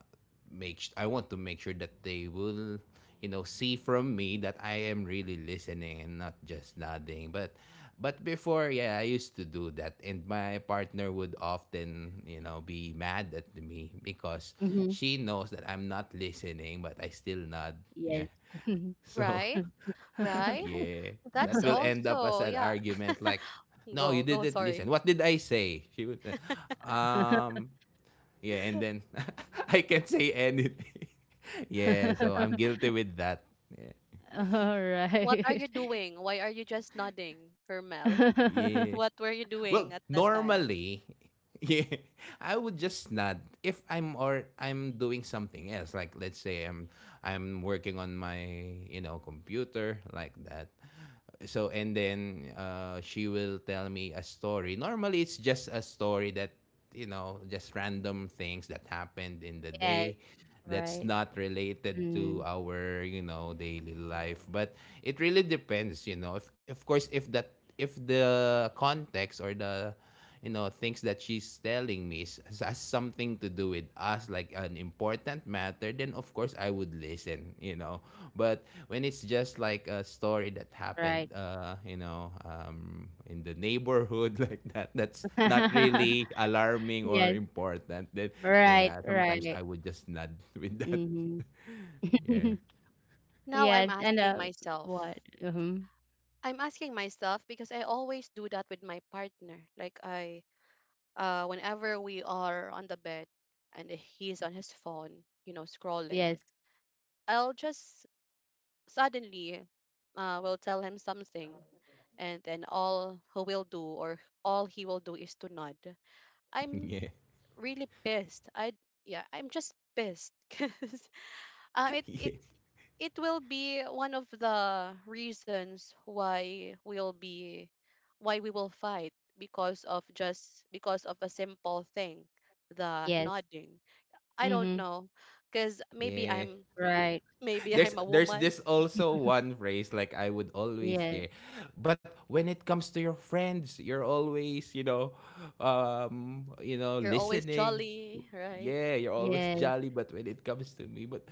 Speaker 2: make I want to make sure that they will, you know, see from me that I am really listening and not just nodding, but but before, yeah, I used to do that, and my partner would often, you know, be mad at me, because
Speaker 3: Mhm.
Speaker 2: she knows that I'm not listening, but I still nod. Yeah,
Speaker 3: Yes.
Speaker 2: so
Speaker 1: Right? Right?
Speaker 2: yeah, that
Speaker 1: That's
Speaker 2: will end up as
Speaker 1: also,
Speaker 2: an
Speaker 1: yeah.
Speaker 2: argument, like, no, you
Speaker 1: Go, go,
Speaker 2: didn't listen,
Speaker 1: sorry.
Speaker 2: what did I say? She would uh, um yeah, and then I can't say anything. Yeah, so I'm guilty with that. Yeah.
Speaker 3: All
Speaker 1: What are
Speaker 3: right.
Speaker 1: you doing? Why are you just nodding, Hermel?
Speaker 2: Yeah.
Speaker 1: What were you
Speaker 2: Well,
Speaker 1: doing at that
Speaker 2: normally,
Speaker 1: time?
Speaker 2: yeah, I would just nod if I'm or I'm doing something else. Like, let's say I'm I'm working on my, you know, computer, like that. So, and then uh, she will tell me a story. Normally, it's just a story that, you know, just random things that happened in the
Speaker 3: Yes.
Speaker 2: day, that's
Speaker 3: Right.
Speaker 2: not related to
Speaker 3: Mm,
Speaker 2: our, you know, daily life. But it really depends, you know. If, of course, if that if the context or the, you know, things that she's telling me is- has something to do with, as like an important matter, then of course I would listen, you know. But when it's just like a story that happened,
Speaker 3: right.
Speaker 2: uh, you know, um, in the neighborhood, like that, that's not really alarming or
Speaker 3: Yes.
Speaker 2: important. Then
Speaker 3: Right,
Speaker 2: yeah, sometimes
Speaker 3: right.
Speaker 2: I would just nod with that.
Speaker 3: Mhm.
Speaker 2: Yeah,
Speaker 1: Now I'm
Speaker 3: Yes, and
Speaker 1: asking
Speaker 3: uh what?
Speaker 1: myself.
Speaker 3: Mhm.
Speaker 1: I'm asking myself because I always do that with my partner. Like I uh whenever we are on the bed, and he's on his phone, you know, scrolling,
Speaker 3: Yes,
Speaker 1: I'll just suddenly uh will tell him something, and then all he will do, or all he will do is to nod. I'm
Speaker 2: yeah,
Speaker 1: really pissed. I yeah, I'm just pissed because um, it
Speaker 2: yeah,
Speaker 1: it it will be one of the reasons why we'll be why we will fight because of just because of a simple thing, the
Speaker 3: yes.
Speaker 1: nodding. I don't
Speaker 3: Mhm.
Speaker 1: know because maybe
Speaker 2: yeah.
Speaker 1: I'm
Speaker 3: Right.
Speaker 1: maybe
Speaker 2: there's
Speaker 1: I'm a
Speaker 2: there's
Speaker 1: woman.
Speaker 2: this also one phrase like I would always
Speaker 3: Yes.
Speaker 2: hear, but when it comes to your friends, you're always, you know, um, you know,
Speaker 1: You're always
Speaker 2: listening.
Speaker 1: jolly, right?
Speaker 2: Yeah, you're always
Speaker 3: Yes.
Speaker 2: jolly, but when it comes to me, but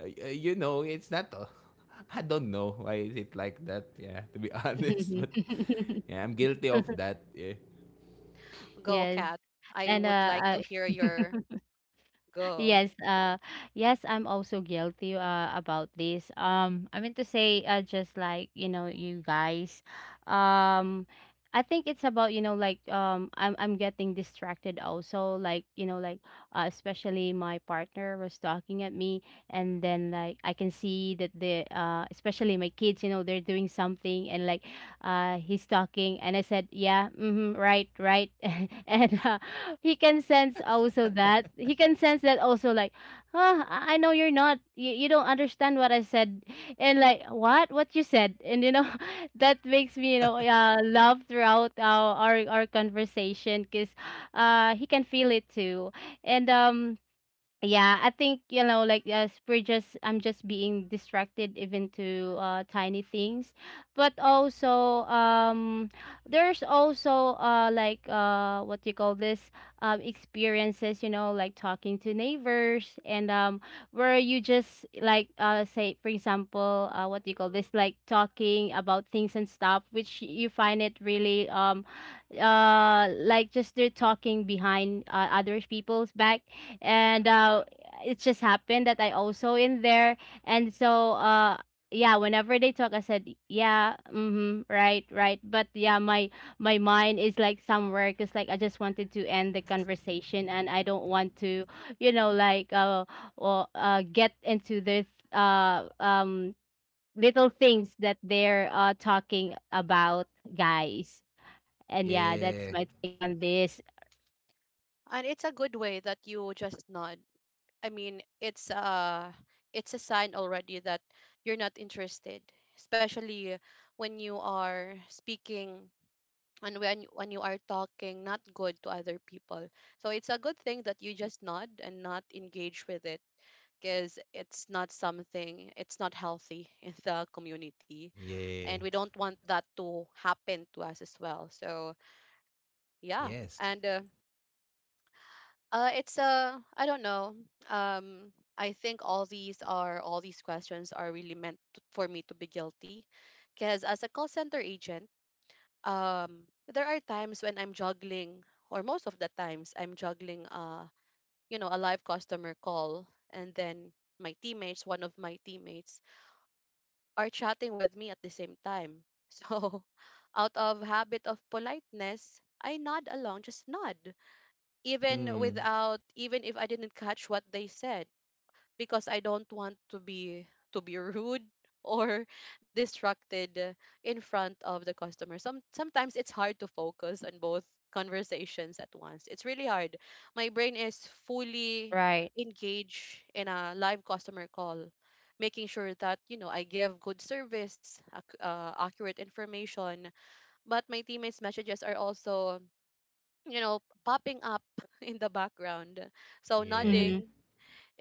Speaker 2: uh, uh, you know, it's not. Uh, I don't know why is it like that. Yeah, to be honest, but yeah, I'm guilty of that. Yeah.
Speaker 1: Go,
Speaker 3: Yes.
Speaker 1: cat. I
Speaker 3: And
Speaker 1: would
Speaker 3: uh,
Speaker 1: like to
Speaker 3: uh
Speaker 1: hear your go.
Speaker 3: yes, uh yes, I'm also guilty uh about this. Um I mean to say uh just like, you know, you guys. Um I think it's about, you know, like, um I'm I'm getting distracted also, like, you know, like uh, especially my partner was talking at me, and then like I can see that the, uh especially my kids, you know, they're doing something, and like, uh, he's talking and I said yeah, mm-hmm, right, right, and uh, he can sense also that, he can sense that also, like, huh, i I know you're not, you, you don't understand what I said and like what what you said. And you know, that makes me, you know, uh, laugh throughout our our, our conversation, because uh, he can feel it too. And um Yeah, I think, you know, like, yes, we're just I'm just being distracted even to uh tiny things. But also, um there's also uh like uh what do you call this, um experiences, you know, like talking to neighbors, and um where you just like, uh say for example, uh what do you call this, like talking about things and stuff which you find it really, um uh like just they're talking behind uh, other people's back, and uh, it just happened that I also in there, and so, uh, yeah, whenever they talk, I said yeah, mm-hmm, right, right, but yeah, my my mind is like somewhere, because like I just wanted to end the conversation, and I don't want to, you know, like, uh, or uh, get into this uh um little things that they're uh talking about, guys, and yeah, that's
Speaker 2: Yeah.
Speaker 3: my take on this.
Speaker 1: And it's a good way that you just nod. I mean, it's uh it's a sign already that you're not interested, especially when you are speaking, and when when you are talking not good to other people. So it's a good thing that you just nod and not engage with it, because it's not something it's not healthy in the community, and we
Speaker 2: Yeah.
Speaker 1: don't want that to happen to us as well. So yeah,
Speaker 2: Yes.
Speaker 1: and uh, uh, it's uh, I don't know. Um, I think all these are all these questions are really meant to, for me to be guilty, because as a call center agent, um, there are times when I'm juggling, or most of the times I'm juggling, uh, you know, a live customer call, and then my teammates, one of my teammates, are chatting with me at the same time. So, out of habit of politeness, I nod along, just nod even
Speaker 2: Mm.
Speaker 1: without even if I didn't catch what they said, because I don't want to be to be rude or distracted uh, in front of the customer. Some sometimes it's hard to focus on both conversations at once. It's really hard. My brain is fully
Speaker 3: Right.
Speaker 1: engaged in a live customer call, making sure that you know I give good service, ac- uh, accurate information. But my teammates' messages are also, you know, popping up in the background. So
Speaker 3: Mm-hmm.
Speaker 2: Yeah.
Speaker 1: nodding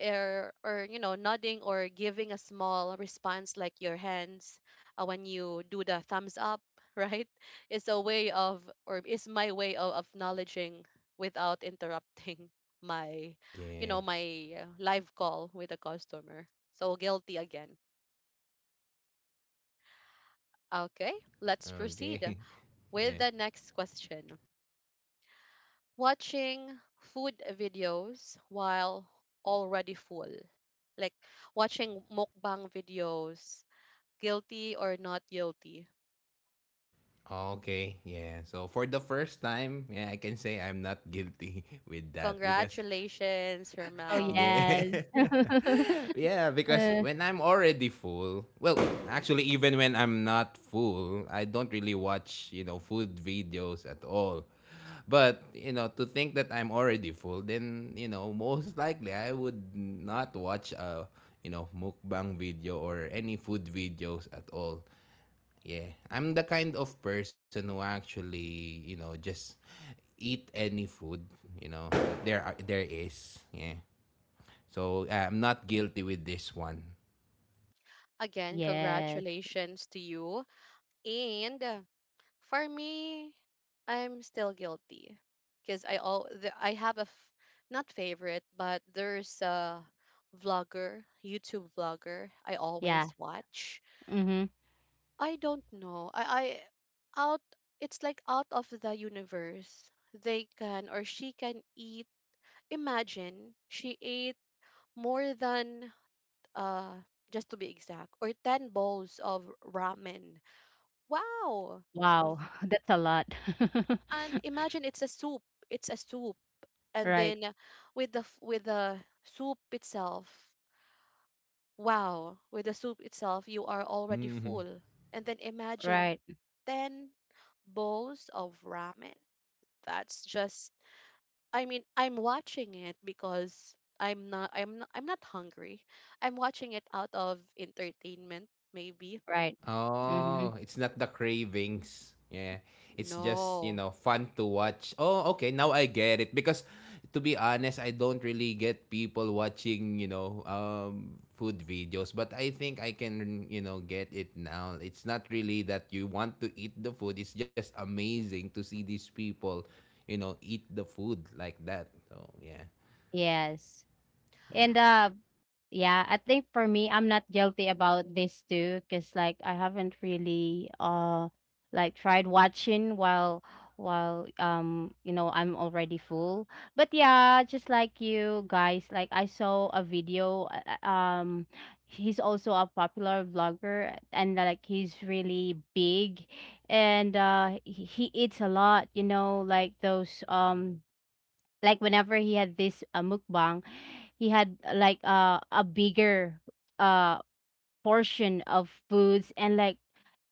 Speaker 1: or, or you know, nodding or giving a small response like your hands uh, when you do the thumbs up, right? Is a way of, or is my way of acknowledging without interrupting my, you know,
Speaker 2: Yeah.
Speaker 1: my uh, live call with a customer. So guilty again. Okay, let's proceed
Speaker 2: Okay.
Speaker 1: with the
Speaker 2: Yeah.
Speaker 1: next question. Watching food videos while already full. Like watching mukbang videos, guilty or not guilty.
Speaker 2: Oh, okay, yeah. So for the first time, yeah, I can say I'm not guilty with that, because
Speaker 1: Congratulations,
Speaker 3: Oh,
Speaker 1: Hermel.
Speaker 2: yeah.
Speaker 3: yes.
Speaker 2: Yeah, because
Speaker 3: Uh,
Speaker 2: when I'm already full, well, actually even when I'm not full, I don't really watch, you know, food videos at all. But, you know, to think that I'm already full, then, you know, most likely I would not watch a, you know, mukbang video or any food videos at all. Yeah. I'm the kind of person who actually, you know, just eat any food, you know, that there are, there is. Yeah. So uh, I'm not guilty with this one.
Speaker 1: Again,
Speaker 3: yes.
Speaker 1: congratulations to you. And uh, for me, I'm still guilty because I all I have a f- not favorite, but there's a vlogger, YouTube vlogger I
Speaker 3: Yeah.
Speaker 1: always watch.
Speaker 3: Mhm.
Speaker 1: I don't know. I, I out it's like out of the universe. They can, or she can eat. Imagine she ate more than uh just to be exact or ten bowls of ramen. Wow. V-
Speaker 3: Wow, that's a lot.
Speaker 1: And imagine it's a soup. It's a soup. And
Speaker 3: Right.
Speaker 1: then with the f- with the soup itself. Wow. With the soup itself, you are already full. And then imagine
Speaker 3: Right.
Speaker 1: ten bowls of ramen. That's just I mean, I'm watching it because I'm not I'm not I'm not hungry. I'm watching it out of entertainment maybe.
Speaker 3: Right. Mhm.
Speaker 2: Oh, it's not the cravings. Yeah. It's just, you
Speaker 1: No.
Speaker 2: know, fun to watch. Oh, okay, now I get it, because to be honest, I don't really get people watching, you know, um food videos, but I think I can, you know, get it now. It's not really that you want to eat the food. It's just amazing to see these people, you know, eat the food like that. So, yeah.
Speaker 3: Yes. And, uh, Yeah, I think for me, I'm not guilty about this too, because like I haven't really uh like tried watching while while um you know I'm already full. But yeah, just like you guys, like I saw a video. Uh, uh, Um, he's also a popular vlogger, and like he's really big, and uh he, he eats a lot. You know, like those, um like whenever he had this uh, mukbang, he had, uh, like uh, a bigger uh portion of foods, and like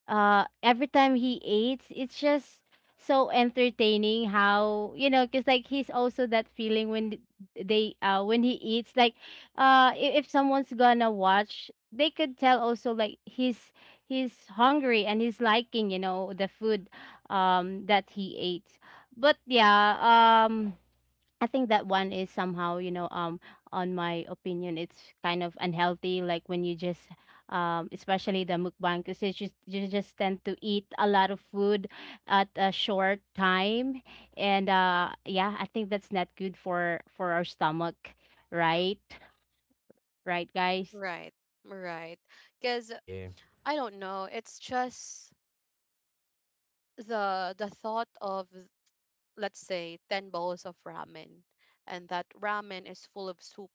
Speaker 3: uh every time he eats it's just so entertaining how, you know, because like he's also that feeling when th- they uh when he eats, like, uh i- if someone's gonna watch they could tell also, like he's he's hungry and he's liking, you know, the food um that he ate. But yeah, um I think that one is somehow, you know, um, on my opinion, it's kind of unhealthy. Like when you just, um, especially the mukbang, because you just you just tend to eat a lot of food at a short time, and uh, yeah, I think that's not good for for our stomach, right? Right, guys.
Speaker 1: Right. Right. Cuz
Speaker 2: Yeah.
Speaker 1: I don't know, it's just the the thought of let's say ten bowls of ramen, and that ramen is full of soup,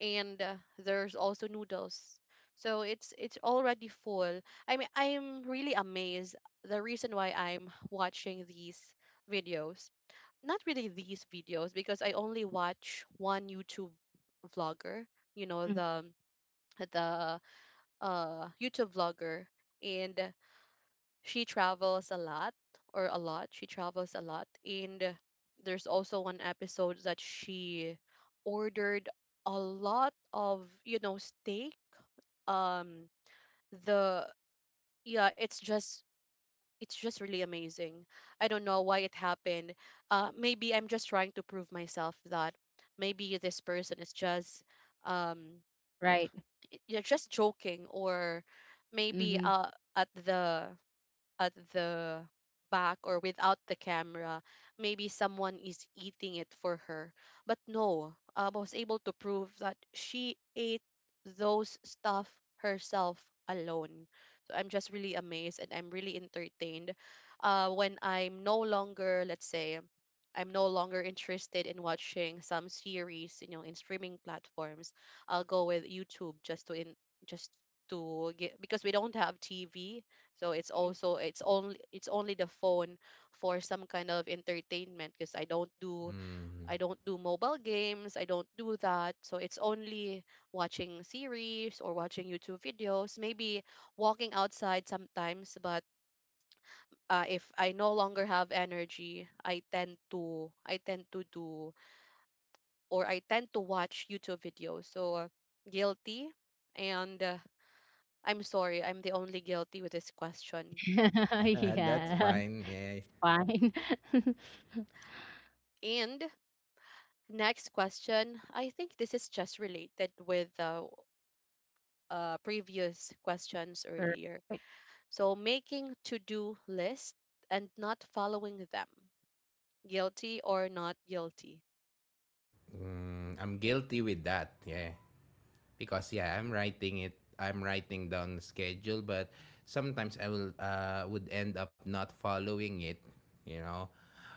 Speaker 1: and uh, there's also noodles, so it's it's already full. I mean, I'm really amazed. The reason why I'm watching these videos, not really these videos because I only watch one YouTube vlogger, you know,
Speaker 3: Mhm.
Speaker 1: the the uh YouTube vlogger, and she travels a lot, or a lot she travels a lot, and there's also one episode that she ordered a lot of, you know, steak. um the yeah, it's just it's just really amazing. I don't know why it happened. Uh maybe I'm just trying to prove myself that maybe this person is just um
Speaker 3: Right.
Speaker 1: y- you're just joking, or maybe
Speaker 3: Mm-hmm.
Speaker 1: uh at the at the back, or without the camera. Maybe someone is eating it for her. But no, um, I was able to prove that she ate those stuff herself alone. So I'm just really amazed, and I'm really entertained uh, when I'm no longer, let's say, I'm no longer interested in watching some series, you know, in streaming platforms. I'll go with YouTube just to in just to get, because we don't have T V, so it's also it's only it's only the phone for some kind of entertainment, because I don't do
Speaker 2: Mm.
Speaker 1: I don't do mobile games, I don't do that. So it's only watching series or watching YouTube videos, maybe walking outside sometimes, but uh, if I no longer have energy, I tend to I tend to do or I tend to watch YouTube videos. So uh, guilty, and uh, I'm sorry, I'm the only guilty with this question.
Speaker 2: That's
Speaker 3: Yeah.
Speaker 2: fine. Yeah.
Speaker 3: Fine.
Speaker 1: And next question, I think this is just related with the uh, previous questions earlier.
Speaker 3: Right,
Speaker 1: So, making to do list and not following them, guilty or not guilty?
Speaker 2: Mm, I'm guilty with that. Yeah. Because yeah, I'm writing it. I'm writing down the schedule, but sometimes I will uh, would end up not following it, you know.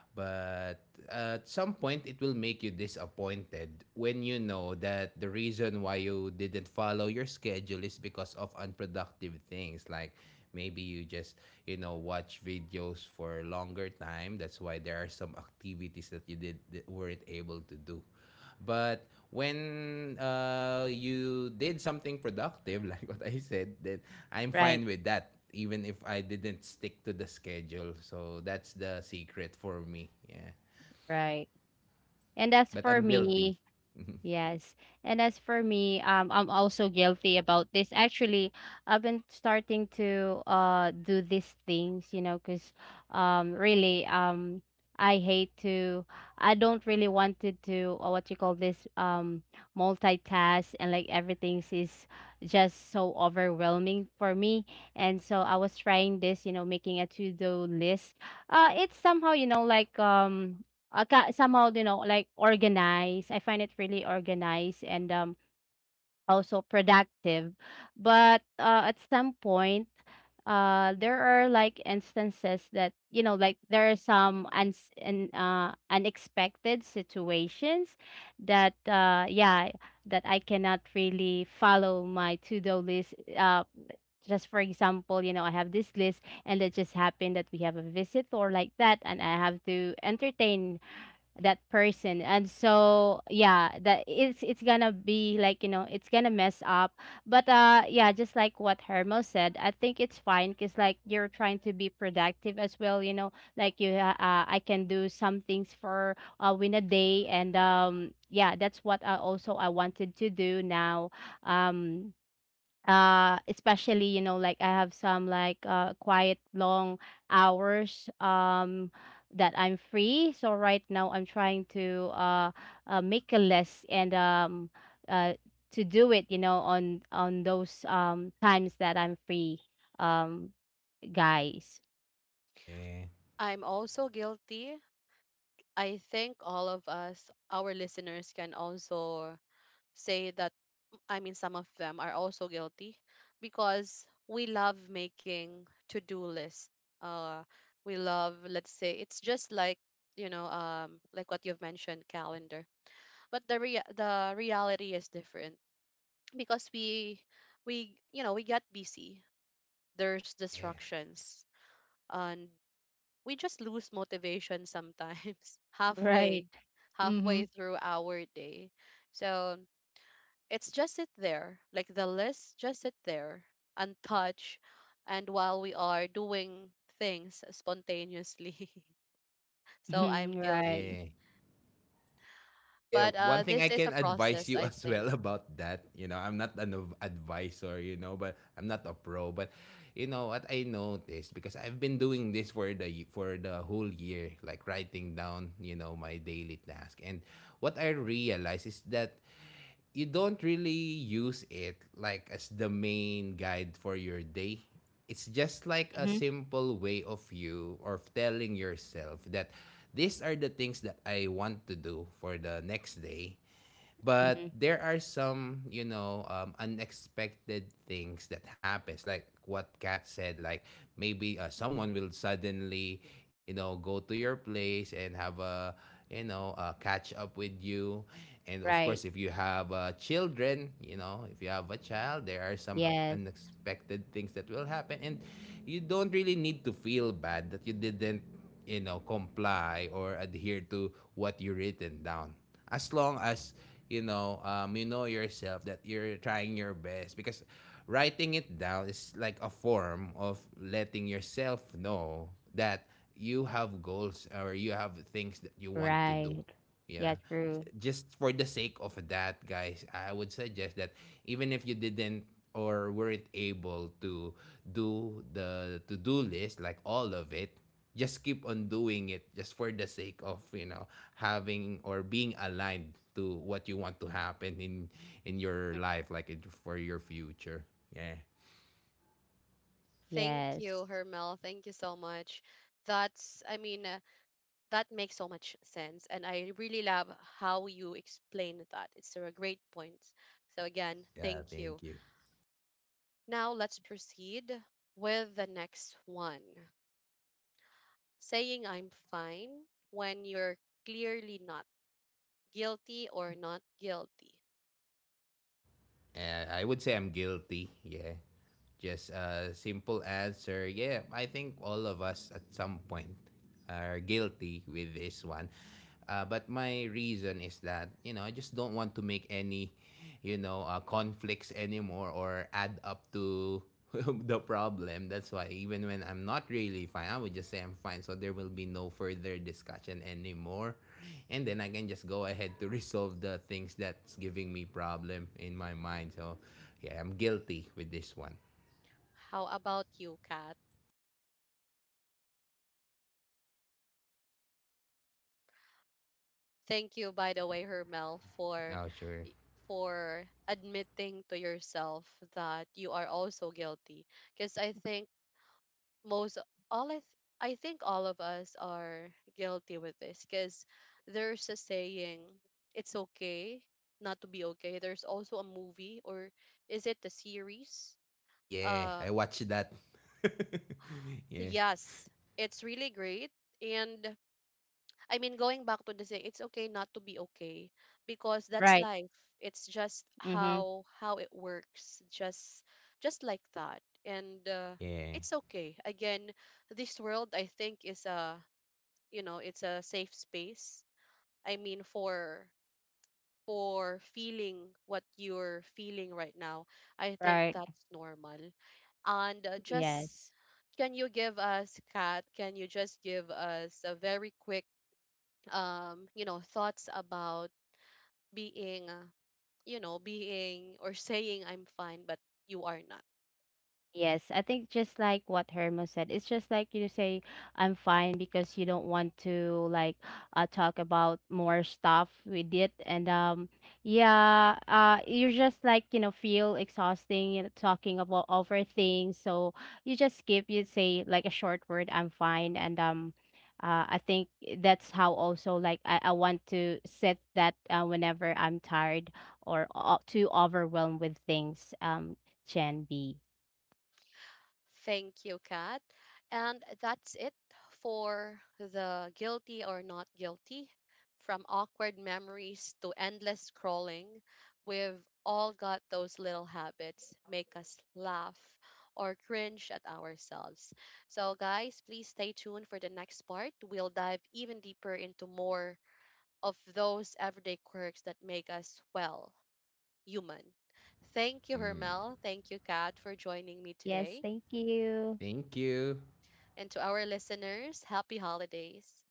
Speaker 2: But at some point, it will make you disappointed when you know that the reason why you didn't follow your schedule is because of unproductive things, like maybe you just, you know, watch videos for a longer time. That's why there are some activities that you did that weren't able to do. But when uh, you did something productive, like what I said, that I'm
Speaker 3: right,
Speaker 2: fine with that, even if I didn't stick to the schedule. So that's the secret for me. Yeah.
Speaker 3: right. And as
Speaker 2: But
Speaker 3: for
Speaker 2: I'm guilty.
Speaker 3: me, yes. And as for me, um, I'm also guilty about this. Actually, I've been starting to uh do these things, you know, because um really um I hate to I don't really wanted to, uh, what you call this, um multitask, and like everything is just so overwhelming for me. And so I was trying this, you know, making a to-do list. Uh it's somehow, you know, like, um uh, ki somehow, you know, like organized. I find it really organized and um also productive. But uh, at some point, uh, there are like instances that, you know, like there are some uns and uh, unexpected situations that, uh, yeah, that I cannot really follow my to-do list. Uh, just for example, you know, I have this list and it just happened that we have a visit or like that, and I have to entertain that person, and so yeah, that it's it's gonna be like, you know, it's gonna mess up. But uh yeah, just like what Hermo said, I think it's fine, because like you're trying to be productive as well, you know, like you ha- uh, I can do some things for, uh, win a day, and um yeah, that's what I also I wanted to do now. um uh Especially, you know, like I have some like uh quiet long hours, um that I'm free, so right now I'm trying to, uh, uh make a list and um uh to do it, you know, on on those, um times that I'm free, um guys.
Speaker 2: Yeah.
Speaker 1: I'm also guilty. I think all of us, our listeners, can also say that, I mean, some of them are also guilty, because we love making to do lists. Uh, we love, let's say, it's just like, you know, um, like what you've mentioned, calendar. But the rea- the reality is different because we we you know we get busy. There's
Speaker 2: Yeah.
Speaker 1: distractions, and we just lose motivation sometimes
Speaker 3: Right.
Speaker 1: halfway
Speaker 3: Mm-hmm.
Speaker 1: halfway through our day. So it's just sit there, like the list just sit there, untouched, and while we are doing things spontaneously. So
Speaker 3: Mhm,
Speaker 1: I'm
Speaker 3: right.
Speaker 1: guilty.
Speaker 2: Yeah. Yeah,
Speaker 1: But
Speaker 2: one
Speaker 1: uh,
Speaker 2: thing
Speaker 1: this
Speaker 2: I
Speaker 1: is
Speaker 2: can
Speaker 1: a
Speaker 2: advise
Speaker 1: process,
Speaker 2: you
Speaker 1: I
Speaker 2: as
Speaker 1: think.
Speaker 2: well about that, you know, I'm not an adv- advisor, you know, but I'm not a pro, but you know what I noticed, because I've been doing this for the for the whole year, like writing down, you know, my daily task. And what I realized is that you don't really use it like as the main guide for your day. It's just like a
Speaker 3: Mm-hmm.
Speaker 2: simple way of you or of telling yourself that these are the things that I want to do for the next day.
Speaker 3: Mm-hmm.
Speaker 2: But there are some, you know, um, unexpected things that happens, like what Kat said, like maybe uh, someone will suddenly, you know, go to your place and have a, you know, a catch up with you. And of
Speaker 3: Right.
Speaker 2: course, if you have uh, children, you know, if you have a child, there are some
Speaker 3: Yes.
Speaker 2: unexpected things that will happen. And you don't really need to feel bad that you didn't, you know, comply or adhere to what you written down, as long as, you know, um, you know yourself that you're trying your best, because writing it down is like a form of letting yourself know that you have goals or you have things that you want to do.
Speaker 3: Right. Yeah,
Speaker 2: Yeah.
Speaker 3: true.
Speaker 2: J- just for the sake of that, guys, I would suggest that even if you didn't or weren't able to do the to-do list, like, all of it, just keep on doing it just for the sake of, you know, having or being aligned to what you want to happen in in your life, like in, for your future. Yeah.
Speaker 1: Thank you,
Speaker 3: Yes.
Speaker 1: Hermel. Thank you so much. That's, I mean, uh, that makes so much sense. And I really love how you explained that. It's a great point. So, again,
Speaker 2: Yeah.
Speaker 1: thank you.
Speaker 2: Thank you.
Speaker 1: Now, let's proceed with the next one. Saying I'm fine when you're clearly not, guilty or not guilty.
Speaker 2: Uh, I would say I'm guilty. Yeah. Just a simple answer. Yeah, I think all of us at some point are guilty with this one. Uh, but my reason is that, you know, I just don't want to make any, you know, uh, conflicts anymore or add up to the problem. That's why even when I'm not really fine, I would just say I'm fine. So there will be no further discussion anymore. And then I can just go ahead to resolve the things that's giving me problem in my mind. So yeah, I'm guilty with this one.
Speaker 1: How about you, Kat? Thank you, by the way, Hermel, for
Speaker 2: Oh, sure.
Speaker 1: for admitting to yourself that you are also guilty. Because I think most all I th- I think all of us are guilty with this. Because there's a saying, it's okay not to be okay. There's also a movie, or is it a series?
Speaker 2: Yeah,
Speaker 1: uh
Speaker 2: I watched that.
Speaker 1: So
Speaker 2: Yeah.
Speaker 1: yes, it's really great. And I mean, going back to the saying, it's okay not to be okay because that's
Speaker 3: Right.
Speaker 1: life. It's just
Speaker 3: Mm-hmm.
Speaker 1: how how it works, just just like that. And uh,
Speaker 2: Yeah.
Speaker 1: it's okay. Again, this world I think is a, you know, it's a safe space. I mean, for for feeling what you're feeling right now, I think
Speaker 3: Right.
Speaker 1: that's normal. And uh, just
Speaker 3: Yes.
Speaker 1: can you give us, Kat, can you just give us a very quick, um, you know, thoughts about being, uh, you know, being or saying I'm fine, but you are not?
Speaker 3: Yes, I think just like what Hermo said, it's just like you say, I'm fine, because you don't want to like, uh, talk about more stuff with it, and um, yeah, uh, you're just like, you know, feel exhausting, you know, talking about over things, so you just skip. You say like a short word, I'm fine, and um, uh, I think that's how also like I, I want to set that, uh, whenever I'm tired or, uh, too overwhelmed with things. Um, Gen B.
Speaker 1: Thank you, Kat. And that's it for the guilty or not guilty. From awkward memories to endless scrolling, we've all got those little habits make us laugh or cringe at ourselves. So guys, please stay tuned for the next part. We'll dive even deeper into more of those everyday quirks that make us well, human. Thank you,
Speaker 2: Mm.
Speaker 1: Hermel. Thank you, Kat, for joining me
Speaker 3: Yes,
Speaker 1: today.
Speaker 3: thank you.
Speaker 2: Thank you.
Speaker 1: And to our listeners, happy holidays.